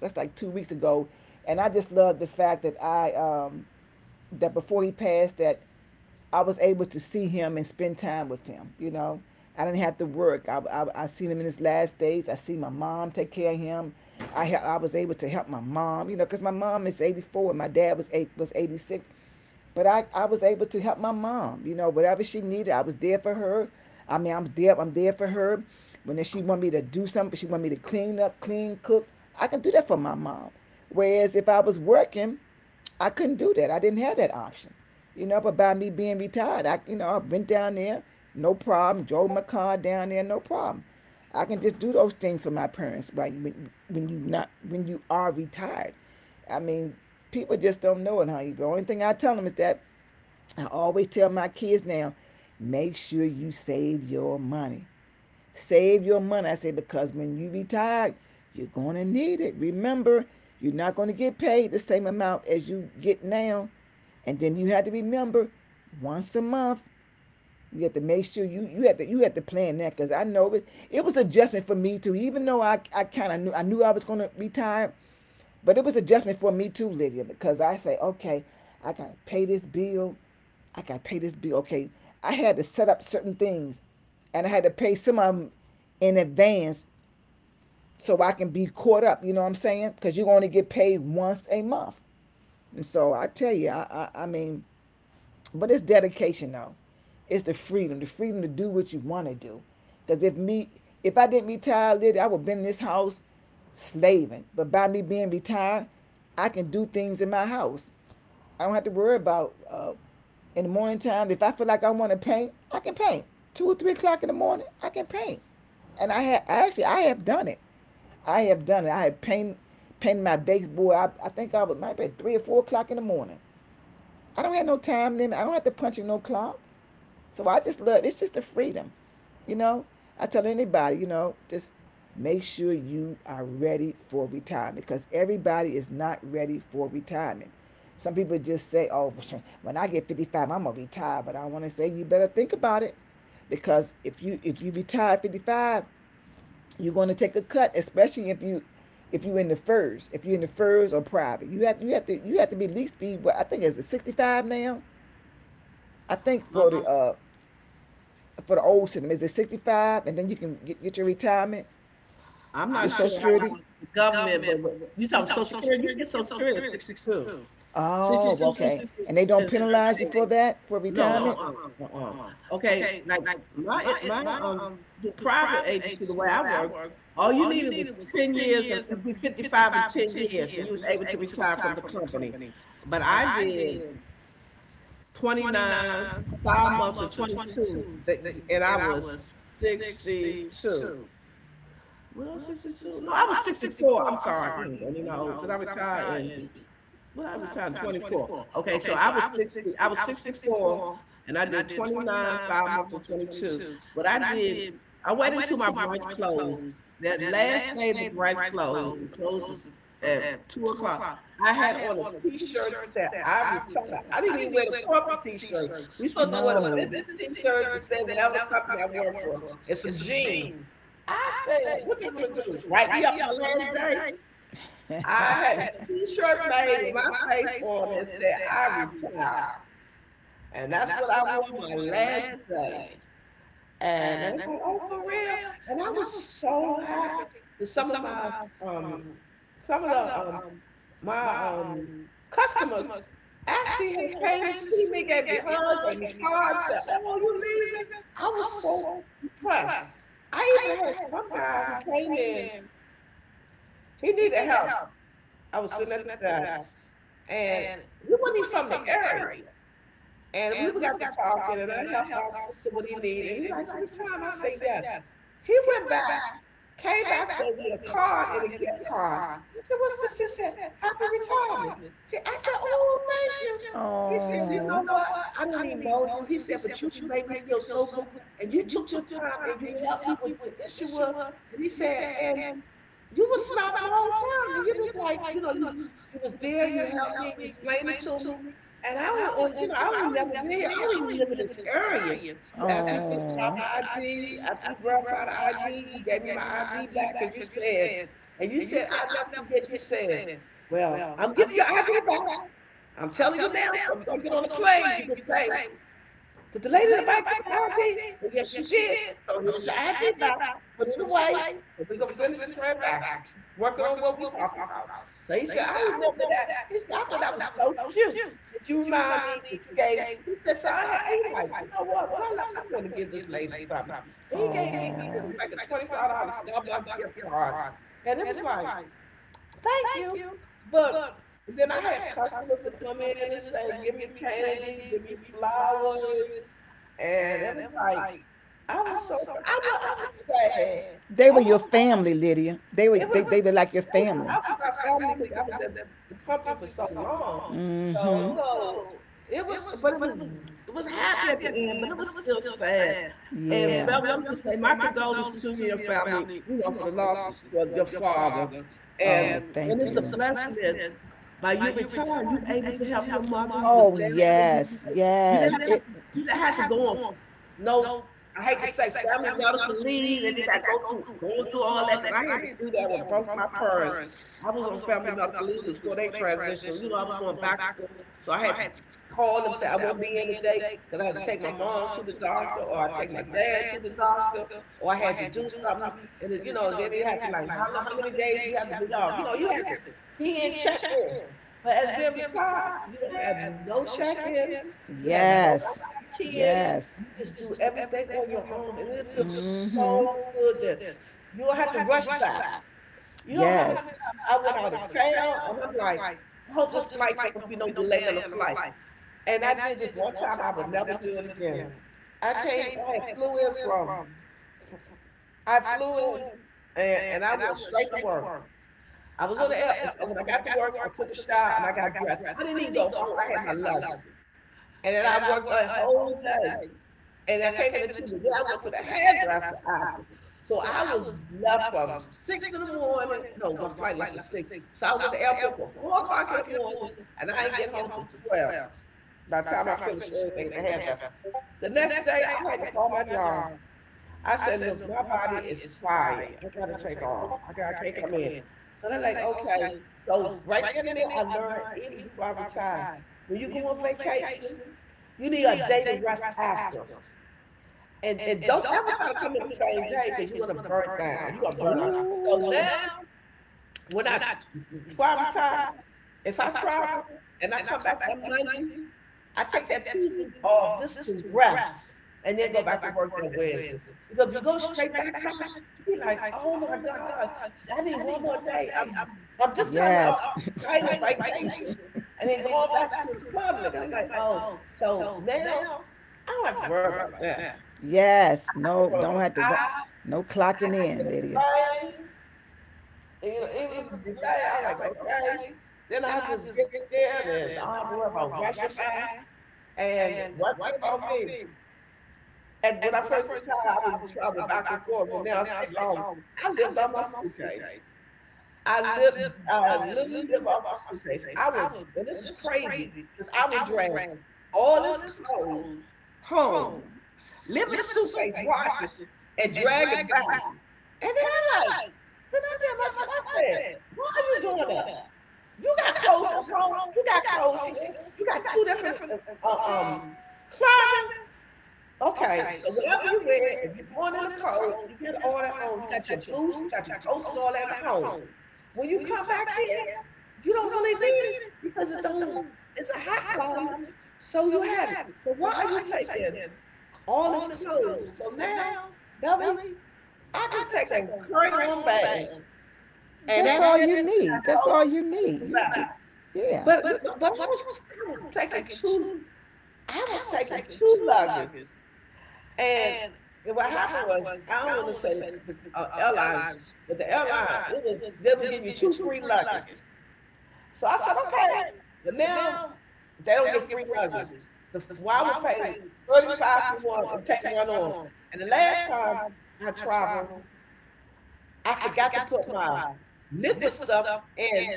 Speaker 2: That's like 2 weeks ago, and I just love the fact that I, that before he passed, that I was able to see him and spend time with him. You know, I didn't have to work. I seen him in his last days. I see my mom take care of him. I was able to help my mom. You know, because my mom is 84 and my dad was 86, but I was able to help my mom. You know, whatever she needed, I was there for her. I mean, I'm there. I'm there for her. When she want me to do something, she want me to clean up, clean, cook. I can do that for my mom. Whereas if I was working, I couldn't do that. I didn't have that option, you know. But by me being retired, I, you know, I went down there, no problem. Drove my car down there, no problem. I can just do those things for my parents, right? When you not when you are retired, I mean, people just don't know it, honey. The only thing I tell them is that, I always tell my kids now, make sure you save your money. Save your money. I say, because when you retire, you're going to need it. Remember, you're not going to get paid the same amount as you get now. And then you had to remember, once a month, you have to make sure, you have to plan that, because I know it, it was adjustment for me too. Even though I kind of knew I was gonna retire, but it was adjustment for me too, Lydia, because I say, okay, I gotta pay this bill, I gotta pay this bill. Okay, I had to set up certain things, and I had to pay some of them in advance so I can be caught up. You know what I'm saying? Because you only get paid once a month, and so I tell you, I mean, but it's dedication though. It's the freedom to do what you want to do. Because if me, if I didn't retire later, I would have been in this house slaving. But by me being retired, I can do things in my house. I don't have to worry about in the morning time. If I feel like I want to paint, I can paint. 2 or 3 o'clock in the morning, I can paint. And I have done it. I have done it. I have paint painted my baseboard. I think I was maybe at 3 or 4 o'clock in the morning. I don't have no time limit. I don't have to punch in no clock. So I just love, it's just the freedom. You know, I tell anybody, you know, just make sure you are ready for retirement because everybody is not ready for retirement. Some people just say, "Oh, when I get 55, I'm going to retire." But I want to say you better think about it because if you retire at 55, you're going to take a cut, especially if you in the furs, if you're in the furs or private, you have to be at least be what I think is it 65 now. I think
Speaker 1: I'm
Speaker 2: for the old system is it 65, and then you can get your retirement.
Speaker 1: I'm not sure how the government, but you talking Social Security, you get Social Security at 62.
Speaker 2: Oh,
Speaker 1: 62, 66 is certain.
Speaker 2: that for
Speaker 1: No,
Speaker 2: no.
Speaker 1: uh-uh, uh-uh. Okay, like my the private agency, the way I work, all you needed was 10 years and you'd be 55 and 10 years and you was able to retire from the company. But I did 29, 5 months or 22 and I was 62. Well, 62? No, I was 64. I'm sorry, don't even know because I retired in what I retired, 24. Okay, so I was 60. I was 64, and I did 29, 5 months and 22. But I did. I waited until my branch closed. That last day the branch closed, it closed at 2 o'clock. I had on a T-shirt that said "I retired." I didn't even wear the corporate T-shirt. We supposed to wear the business T-shirt that said whatever the company I work for, and some jeans. I said, "What they gonna do? Write me up my last day?" I had a
Speaker 2: I
Speaker 1: T-shirt made with my face on and said, I retire. And that's what I wore my last day. And they were like, oh, for real? And I was so happy that um some of the my customers actually had came to see me, gave me hugs, gave me cards, said, oh, you leaving? I was so impressed. I even had some guy who came in, he needed help. I was sitting at the desk, and he wasn't even from the area. And we got to talking, and I helped our sister what he needed. And he like, every time. I say yes. He went back, came back with me a card and a gift card. I said, what's this? He said, happy retirement. I said, oh, thank you. He
Speaker 2: Oh.
Speaker 1: said, you know
Speaker 2: Oh,
Speaker 1: what? I didn't even know you. He said, but you made me feel so good. And you took your time and you helped me with the issue of, and he said, and you was smiling the whole time, and you're just like, you was there, you helped me, you explained it to me, and I don't even never been here. I don't even live in this area. You asked me for the proper ID after you verified the ID. You gave me my ID back because you said, I never forget. You said, well, I'm giving your ID back. I'm telling you now, so if you don't get on the plane, you can say, did the lady in the bank give you ID? Well, yes, she did. So here's your ID now. Put it away. So we gonna finish the transaction. Working on what we talking about. So he said, I remember that. He said, I thought that was so cute that you remind me that you gave. He said, so I had, I like, you know what? When I left, I'm gonna give this lady something. And he gave me, I think it was like a $25 Starbucks gift card, and it was like, thank you, but then I had customers that come in and say, give me candy, give me flowers, and it was like I was so I was sad.
Speaker 2: they
Speaker 1: I
Speaker 2: were.
Speaker 1: was
Speaker 2: I family, Lydia. They were
Speaker 1: it was
Speaker 2: they they, were like your
Speaker 1: it was
Speaker 2: I was.
Speaker 1: I was my family because I was at the company for so long. So
Speaker 2: Mm-hmm.
Speaker 1: it was but it was it was happy at the end, but it was still sad. And
Speaker 2: And
Speaker 1: Beverly, I'm just saying my condolences to you and your family, for the loss of- for your father.
Speaker 2: oh,
Speaker 1: And and it's a blessing that by your return, you able to help your mother. You was down there.
Speaker 2: yes.
Speaker 1: You didn't have to you didn't have to go on, no. I hate to say family medical leave, and they got go through going through all that because I had to do that with both my parents. I was on family medical leave before they transitioned. I was going back and forth, so I had to call them say I won't be in today because I had to take my mom to the doctor, or I take my dad to the doctor, or I had to do something. And then, then they had to, like, how long, how many days you have to be off. You had to be in, check in. But as being retired, you don't have no check-in, you have nobody back in, you just do
Speaker 2: You.
Speaker 1: everything on your own, and it feels
Speaker 2: Mhm.
Speaker 1: so good that you don't have to rush back. You know how many times I went out of town, and I'm like, I hope this flight don't be no delay on the flight. And I did this one time, I would never do it again. I came, I had flew in from, I flew in, and I went straight to work. I was on the air, and so when I got to work, I took a shower and I got dressed. I didn't even go home. I had my luggage, and then I worked a whole day, and I came in at 2. Then I went to the hairdresser after, so I was left from 6 in the morning. No, my flight left at 6, so I was at the airport from 4 o'clock in the morning, and I didn't get home till 12. By the time I finished everything at the hairdresser, the next day I had to call my job, I said, look, my body is tired. I gotta take off. I can't come in. So they're like, okay. So right then and there, I learned even before I retired, when you go on vacation, you need a day to rest after. And don't ever try to come in the same day because you're gonna burn down. You're gonna burn out. So now, when I before I retire, if I travel and I come back on Monday, I take that Tuesday off just to rest and then go back to work that Wednesday. Because if you go straight back, you be like, oh my God, I need one more day. I'm
Speaker 2: Off.
Speaker 1: just coming off excited vacation and then going back to the public. I'm like, oh, so now I don't have to worry about that.
Speaker 2: Yes. I no, just
Speaker 1: Well,
Speaker 2: don't have to
Speaker 1: I
Speaker 2: no
Speaker 1: I
Speaker 2: clocking in,
Speaker 1: the
Speaker 2: Lydia.
Speaker 1: plane, and, even if it's delayed, I'm like, okay. Then I just get there and I don't have to worry about rushing by. And one thing about me, And when I first retired, I would travel back and forth. But now I stay longer. I lived on my suitcase. I lived, I literally live off my suitcase. And this is crazy, because I would drag all this clothes home, live in a suitcase, wash it, and drag it back. And then, then I tell myself, I said, why are you doing that? You got clothes at home. You got clothes here. You got two different uh, um climate. Okay, so whatever you wear, if you're going in a coat, you get it all at home. You got your boots, you got your coats and all that at home. When you come back here, you don't really need it because it don't it's a hot climate, so you have it. So why are you taking all this clothes? So now, Belly, I just take a carry on bag and
Speaker 2: That's
Speaker 1: that's it. 'Cause
Speaker 2: need.
Speaker 1: I got
Speaker 2: That's
Speaker 1: clothes,
Speaker 2: all you
Speaker 1: clothes to
Speaker 2: need.
Speaker 1: buy.
Speaker 2: Yeah.
Speaker 1: But I was taking two I was taking two luggage. And what happened was, I don't want to say airlines, but the airline, they were give you two free luggage. So I said, okay. But now they don't get free luggage. Why would pay 35 for one and take one on? And the last time I traveled, I forgot to put my liquid stuff in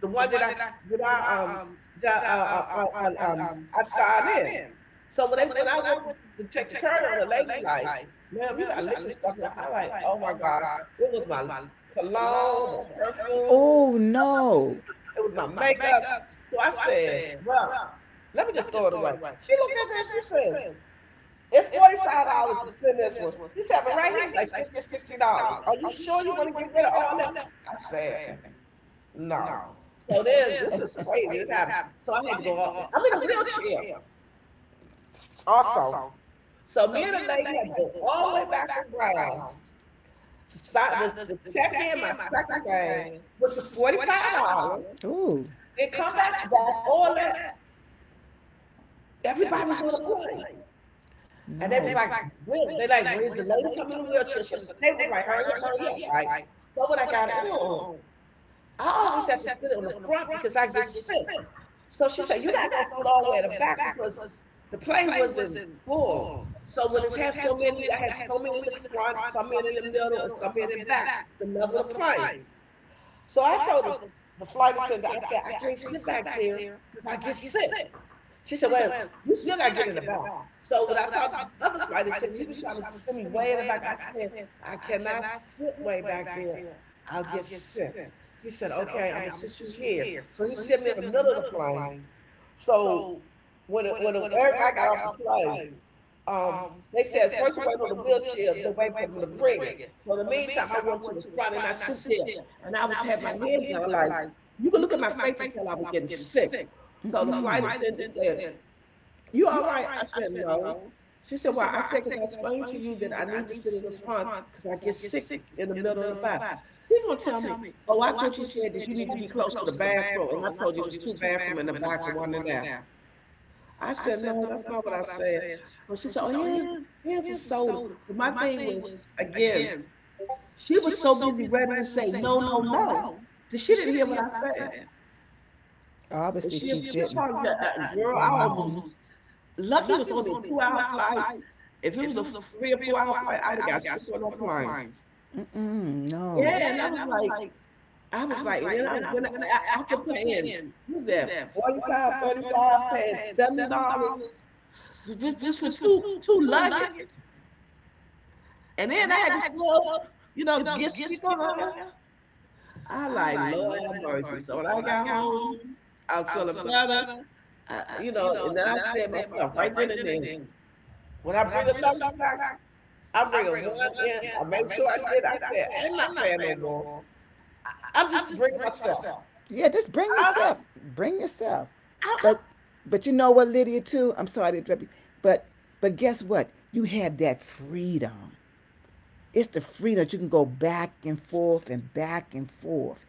Speaker 1: the one that I that I that I signed in. So when I went to check the curry on, the lady like, "Ma'am, you got liquid stuff in." I like, "Oh my god, it was my cologne, my perfume,
Speaker 2: Oh
Speaker 1: oh shit,
Speaker 2: no.
Speaker 1: it was my makeup." So I said, "Well, let me just throw it away." She looked at that. She said, it's $45 to send this one. She having right here is like $50 or $60. Are you sure you want to get rid of all that? I said, no. So then this is crazy. This happened. So I had to go all, I'm in a wheelchair also. So me and the lady had to go all the way back around to check in my second bag, which was $45,
Speaker 2: Oh,
Speaker 1: then come back all that. Everybody was on the plane. And
Speaker 2: no.
Speaker 1: they was like, "When?" They like, "Where's the lady coming in the wheelchair?" So they was like, "Hurry up, hurry up!" Right. So when I got in, I always have to sit on the front because I get sick. So she said, "You gotta go sit all the way at the back because the plane wasn't full. So when it's have so many, I have so many in the front, some in the middle, and some in the back to level the plane." So I told the flight attendant, I said, "I can't sit back there because I get sick." She said, well, you still got to get in the back. So when I talked to this other flight attendant, he was trying to send me way in the back. I said, I cannot sit way back there. I'll get sick. He said, okay, I'm going to sit you here. So he sent me in the middle of the plane. So everybody got off the plane, um, they said, first, waiting on the wheelchair, they waiting for them to bring it. So in the meantime, I went to the front and I sit there and I was had my head down like, you could look at my face and tell I was getting sick. So the flight attendant said, you all right? I said, no. She said, why? I said, because I explained to you that I need to sit in the front because I get sick in the middle of the back. She gonna tell me, oh, I thought you said that you need to be close to the bathroom. And I told you it was two bathrooms in the back and one in there. I said, no, that's not what I said. So she said, oh, here's a soda. But my thing was, again, she was so busy ready to say no, no, no, that she didn't hear what I said. And
Speaker 2: Obviously.
Speaker 1: she apologized. Girl, I almost lucky was only a 2 hour flight. If it was a 3 or 4-hour flight, I would've got sick on that plane.
Speaker 2: Mm-mm, no.
Speaker 1: Yeah, and I was like and then I was then I after paying what was that, 45 35, paying $70 just for 2 luggage, and then I had to still, get sick on there. I like, "Lord have mercy." So when I got home, I was feeling better, and then I said myself right then and there, "When I bring the luggage back, I'm bringing one in." I made sure I did. I said, "I'm not paying no more." I'm just bringing myself.
Speaker 2: Yeah, just bring
Speaker 1: I,
Speaker 2: yourself. I, bring yourself.
Speaker 1: I,
Speaker 2: But I, but you know what, Lydia, too? I'm sorry to interrupt you. But but guess what? You have that freedom. It's the freedom that you can go back and forth and back and forth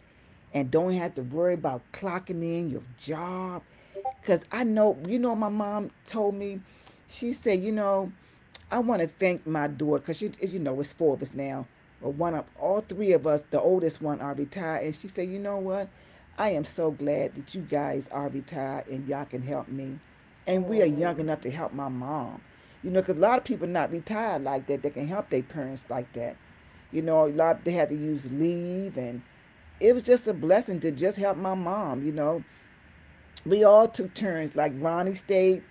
Speaker 2: and don't have to worry about clocking in your job. Because I know, you know, my mom told me, she said, you know, I want to thank my daughter because she, you know, it's four of us now. But one of all three of us, the oldest one, are retired. And she said, you know what? I am so glad that you guys are retired and y'all can help me and we
Speaker 1: oh,
Speaker 2: are young
Speaker 1: man.
Speaker 2: enough to help my mom. You know, because a lot of people not retired like that. They can help their parents like that. You know, a lot they had to use leave, and it was just a blessing to just help my mom. You know, we all took turns. Like Ronnie stayed,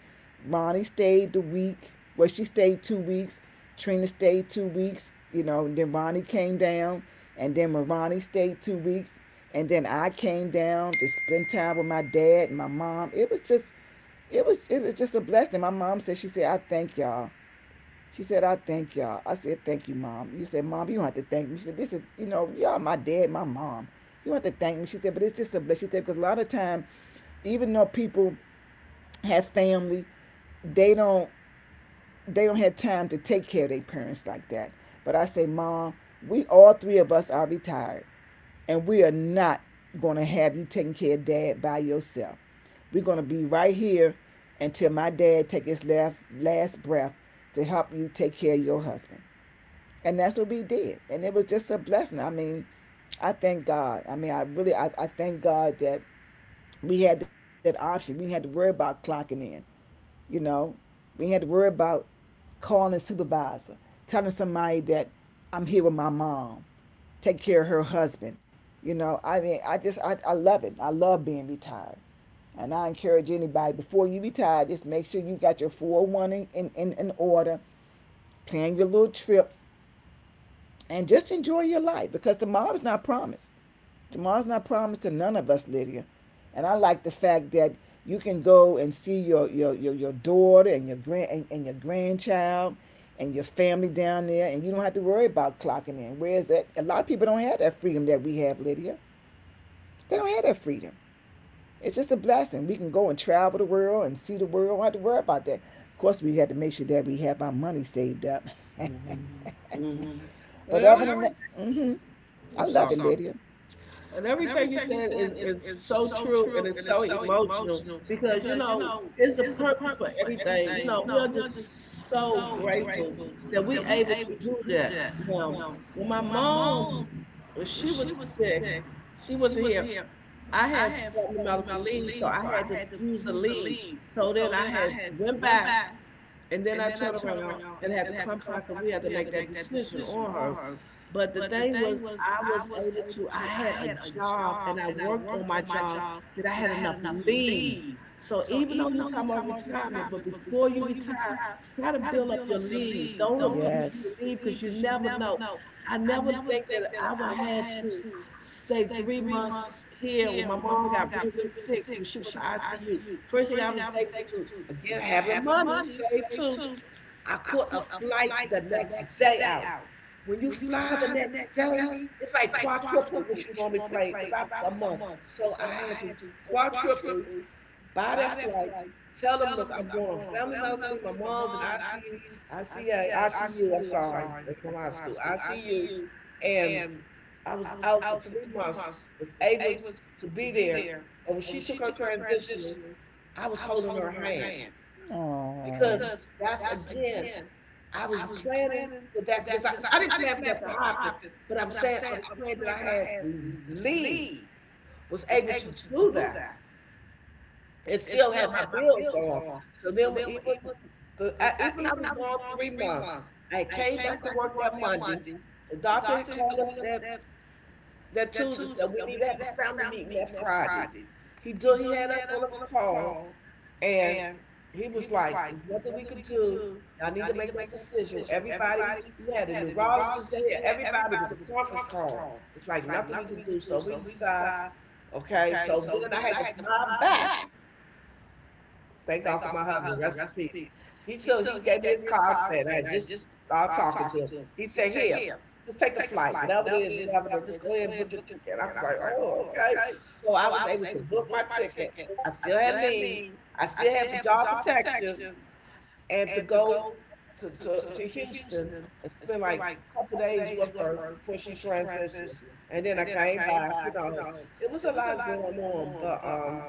Speaker 2: Ronnie stayed the week. Well, she stayed 2 weeks. Trina stayed 2 weeks. You know, and then Ronnie came down, and then when Ronnie stayed 2 weeks, and then I came down to spend time with my dad and my mom. It was just a blessing. My mom said she said I thank y'all she said, I thank y'all. I said, "Thank you, Mom." You said, "Mom, you don't have to thank me." She said, "This is, you know, y'all my dad, my mom. You don't have to thank me." She said, "But it's just a blessing." She said, "Because a lot of time, even though people have family, they don't they don't have time to take care of their parents like that." But I say, "Mom, we all three of us are retired and we are not gonna have you taking care of dad by yourself. We're gonna be right here until my dad take his last breath to help you take care of your husband." And that's what we did. And it was just a blessing. I mean, I thank God. I mean, I really, I thank God that we had that option. We had to worry about clocking in, you know. We had to worry about calling a supervisor, telling somebody that I'm here with my mom, take care of her husband. You know, I mean, I just, I love it. I love being retired. And I encourage anybody before you retire, just make sure you got your 401 in order, plan your little trips, and just enjoy your life because tomorrow's not promised. Tomorrow's not promised to none of us, Lydia. And I like the fact that you can go and see your daughter and and your grandchild and your family down there, and you don't have to worry about clocking in. Whereas that a lot of people don't have that freedom that we have, Lydia. They don't have that freedom. It's just a blessing. We can go and travel the world and see the world. We don't have to worry about that. Of course, we had to make sure that we have our money saved up.
Speaker 1: Mm hmm. Mhm.
Speaker 2: But
Speaker 1: And
Speaker 2: other than
Speaker 1: everything,
Speaker 2: that, mm-hmm, I
Speaker 1: I'm
Speaker 2: love it,
Speaker 1: sorry.
Speaker 2: Lydia.
Speaker 1: And everything you said is so true and it's so emotional because you know it's a purpose for everything. You know, we are just so grateful that we able to do that. Now, when my mom when she was sick, she wasn't here. I had family medical leave, so I had to use the leave. So then I had went back. And then I turned around and had to come back and we had to make that decision on her. But the thing was, I was able to, I had a job and I worked on my job that I had enough leave. So even though you're talking about retirement, but before you retire, try to build up your leave. Don't abuse your
Speaker 2: Yes.
Speaker 1: leave because you never know. I never think that I would had to stay 3 months here when my mom got real, real sick when she was in the ICU. First thing I was able to do, again, having money saved too, I caught a flight the next day out. When you fly the next day, it's like quadruple what you normally play because I a month. So I had to quadruple buy that flight, tell them, look, I'm going on family medical leave. My mom's in ICU, ICA, ICU. I'm sorry, it's from high school, ICU, and I was out for 3 months. Was able to be there, and when she took her transitional. I was holding her hand
Speaker 2: Oh,
Speaker 1: because that's again, I was planning for that because I didn't plan for that to happen, but I'm saying I was planning that I had Lee was able to do that and still have my bills going. So then when even even I was gone 3 months, I came back to work that Monday. The doctor had called us that Tuesday said we need to have a family meeting that Friday. He had us on a call. And he was like, there's nothing we could do. Y'all need to make that decision. Everybody, we had a neurologist there, everybody was a conference call. It's like nothing we could do. So we decide, okay. So then I had to fly back. Thank God for my husband. Rest in peace. He gave me his car, said I just started talking to him. He said, here, just take the flight, whatever it is, just go ahead and book your ticket. I was like, oh, okay. So I was able to book my ticket. I still had leave. I still had job protection and to go to Houston and spend like a couple days with her before she transitioned. And then I came back, you know, it was a lot going on. But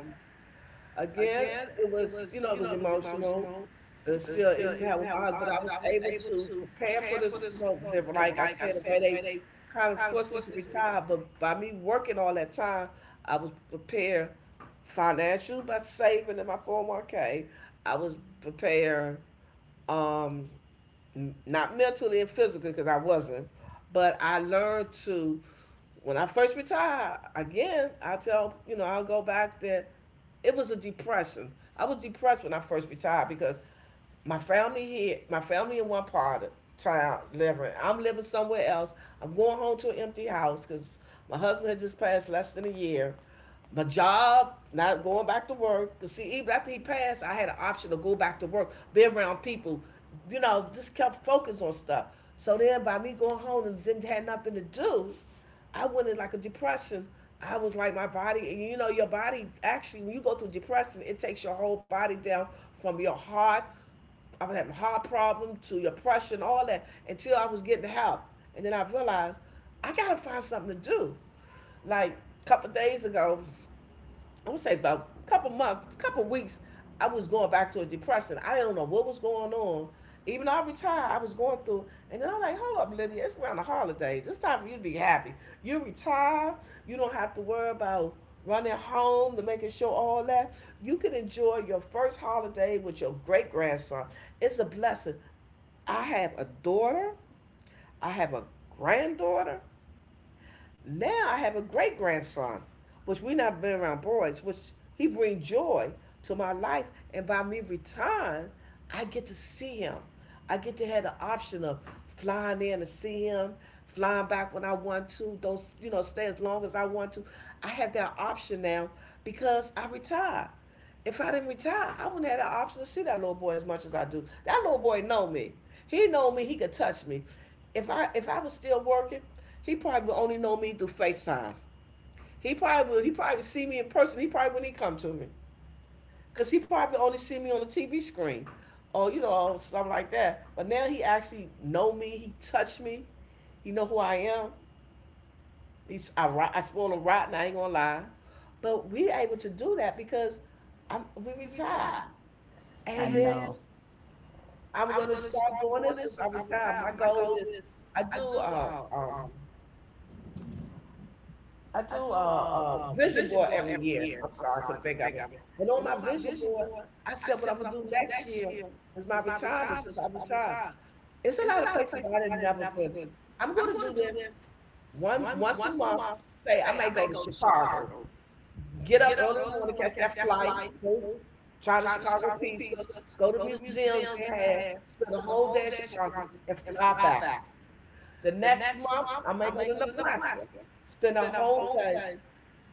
Speaker 1: again, it was emotional. It still even had with my husband, but I was able to prepare for this, you know, they were, like I said, the way they kind of forced me to retire, but by me working all that time, I was prepared financially by saving in my 401k. I was prepared um, not mentally and physically because I wasn't, but I learned to. When I first retired, again, I tell, you know, I'll go back there. It was a depression. I was depressed when I first retired because my family here, my family in one part of town living. I'm living somewhere else. I'm going home to an empty house because my husband had just passed less than a year. My job, not going back to work. 'Cause see, even after he passed, I had an option to go back to work, be around people, you know, just kept focused on stuff. So then by me going home and didn't have nothing to do, I went in like a depression. I was like my body, you know, your body actually when you go through depression, it takes your whole body down from your heart I was having heart problems, to depression, all that, until I was getting help. And then I realized I gotta find something to do. Like a couple days ago, I would say about a couple months, a couple weeks, I was going back to a depression. I don't know what was going on. Even though I retired, I was going through, and then I'm like, hold up, Lydia, it's around the holidays. It's time for you to be happy. You retire, you don't have to worry about running home to making sure all that. You can enjoy your first holiday with your great grandson. It's a blessing. I have a daughter, I have a granddaughter, now I have a great grandson, which we not been around boys, which he bring joy to my life. And by me retiring, I get to see him. I get to have the option of flying in to see him, flying back when I want to. Don't you know? Stay as long as I want to. I have that option now because I retired. If I didn't retire, I wouldn't have the option to see that little boy as much as I do. That little boy know me. He know me. He could touch me. If I was still working, he probably would only know me through FaceTime. He probably would. He probably would see me in person. He probably wouldn't come to me because he probably only see me on the TV screen, or something like that. But now he actually know me. He touched me. He know who I am. He's I spoil him rotten. I ain't gonna lie, but we able to do that because I'm we retired,
Speaker 2: I
Speaker 1: and then I'm gonna start doing this since I retire. My goal is I do uh, um I do a vision board every year. I'm sorry, I couldn't think of it. And on my vision board, I said what I'm gonna do next year is my retirement since I retired. It's a lot of places I had never been. I'm gonna do this one once a month. Say I may go to Chicago, get up early in the morning, catch that flight, go try the Chicago pizza, go to museums they have, spend a whole day in Chicago, and fly back. The next month, I may go to Nebraska, spend a whole day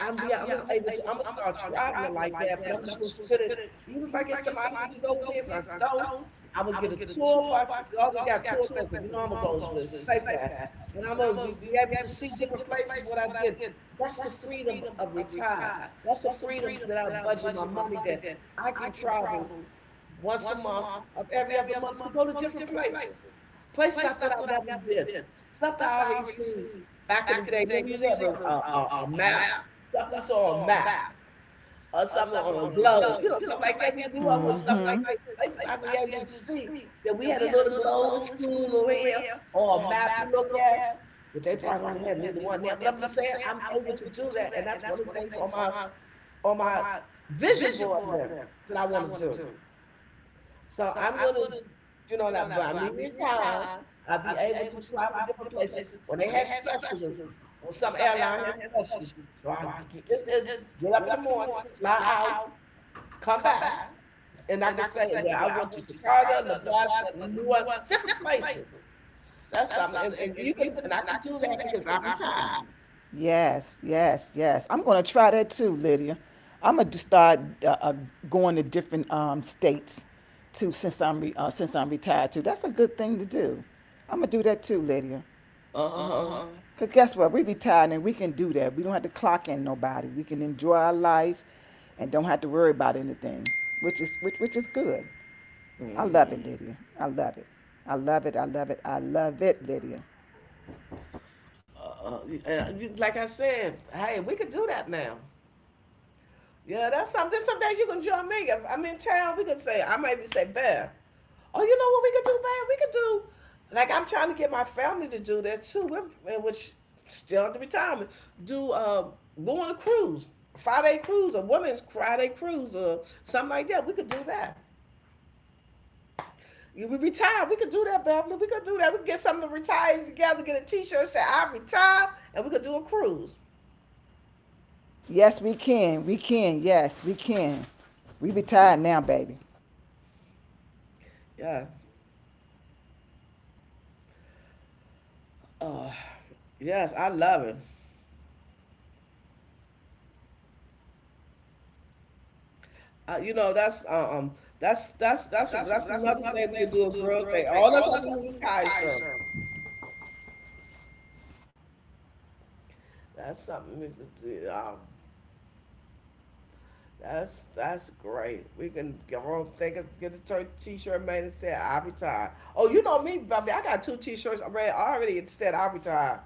Speaker 1: I'm be I'm gonna able to I'm gonna start traveling like that, but I'm just gonna split it. Even if I get somebody who can go with me, if I don't, I'm gonna get a tour bus because they always got tour things. 'Cause you know I'm gonna go with safer, and I'm gonna be able to see different places. What I did, that's the freedom of retire. That's the freedom that I budget my money that I can travel once a month of every other month to go to different places. Places I thought I'd never been. Stuff that I already seen back in the day. Remember, you used to have a map, stuff we saw on a map or something on a globe, something like that. We
Speaker 2: something
Speaker 1: grew up with stuff like
Speaker 2: mm-hmm.
Speaker 1: this. Places I was able to see
Speaker 2: Be.
Speaker 1: that we had a little globe in school over here or a map you look at. But they probably don't have neither one now. But I'm just saying I'm able to do that. And that's one of the things on my vision board now that I want to do. So I'm gonna, that buy me retire. I'll be able to travel different places when they had specials, when some airline has specials. So it's get up in the morning, fly out, come back, and I can say, well, I went to Chicago, Nebraska, New Orleans, different places. That's something, and you can, and I can do that because I'm retired.
Speaker 2: Yes, yes, yes. I'm going to try that too, Lydia. I'm going to start uh, uh, going to different states too since since I'm retired too. That's a good thing to do. I'm going to do that too, Lydia.
Speaker 1: Uh huh.
Speaker 2: Cause guess what? We retired and we can do that. We don't have to clock in nobody. We can enjoy our life and don't have to worry about anything. Which is good. I love it, Lydia. I love it. I love it. I love it. I love it, Lydia.
Speaker 1: And you- like I said, hey, we could do that now. Yeah, that's something. Some days you can join me. If I'm in town, we can say, I maybe say, Bear, oh, you know what we could do, Bear? We could do, like, I'm trying to get my family to do that too, We're- which still at the retirement, do, go on a cruise, Friday cruise, or women's Friday cruise, or something like that. We could do that. You- We retire. We could do that, Beverly. We could do that. We could get some of the retirees together, get a t shirt, say, I retire, and we could do a cruise.
Speaker 2: Yes, we can. We can. Yes, we can. We retired now, baby.
Speaker 1: Yeah. Uh, yes, I love it. Uh, you know, that's uh, um, that's that's what- that's another thing we could do a girl thing. All that's happening in the tie shirt. That's something we could do. That's great. We can go home, take a, get a t-shirt made and say I retired. Oh, you know me, Bobby. I got two t-shirts already. I already said I retired,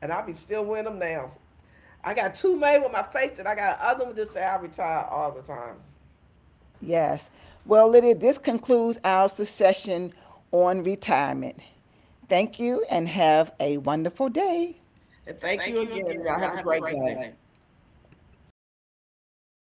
Speaker 1: and I be still wearing them now. I got two made with my face, and I got another one just say I retired all the time.
Speaker 2: Yes. Well, Lydia, this concludes our session on retirement. Thank you and have a wonderful day.
Speaker 1: And thank you again. Y'all have a great day.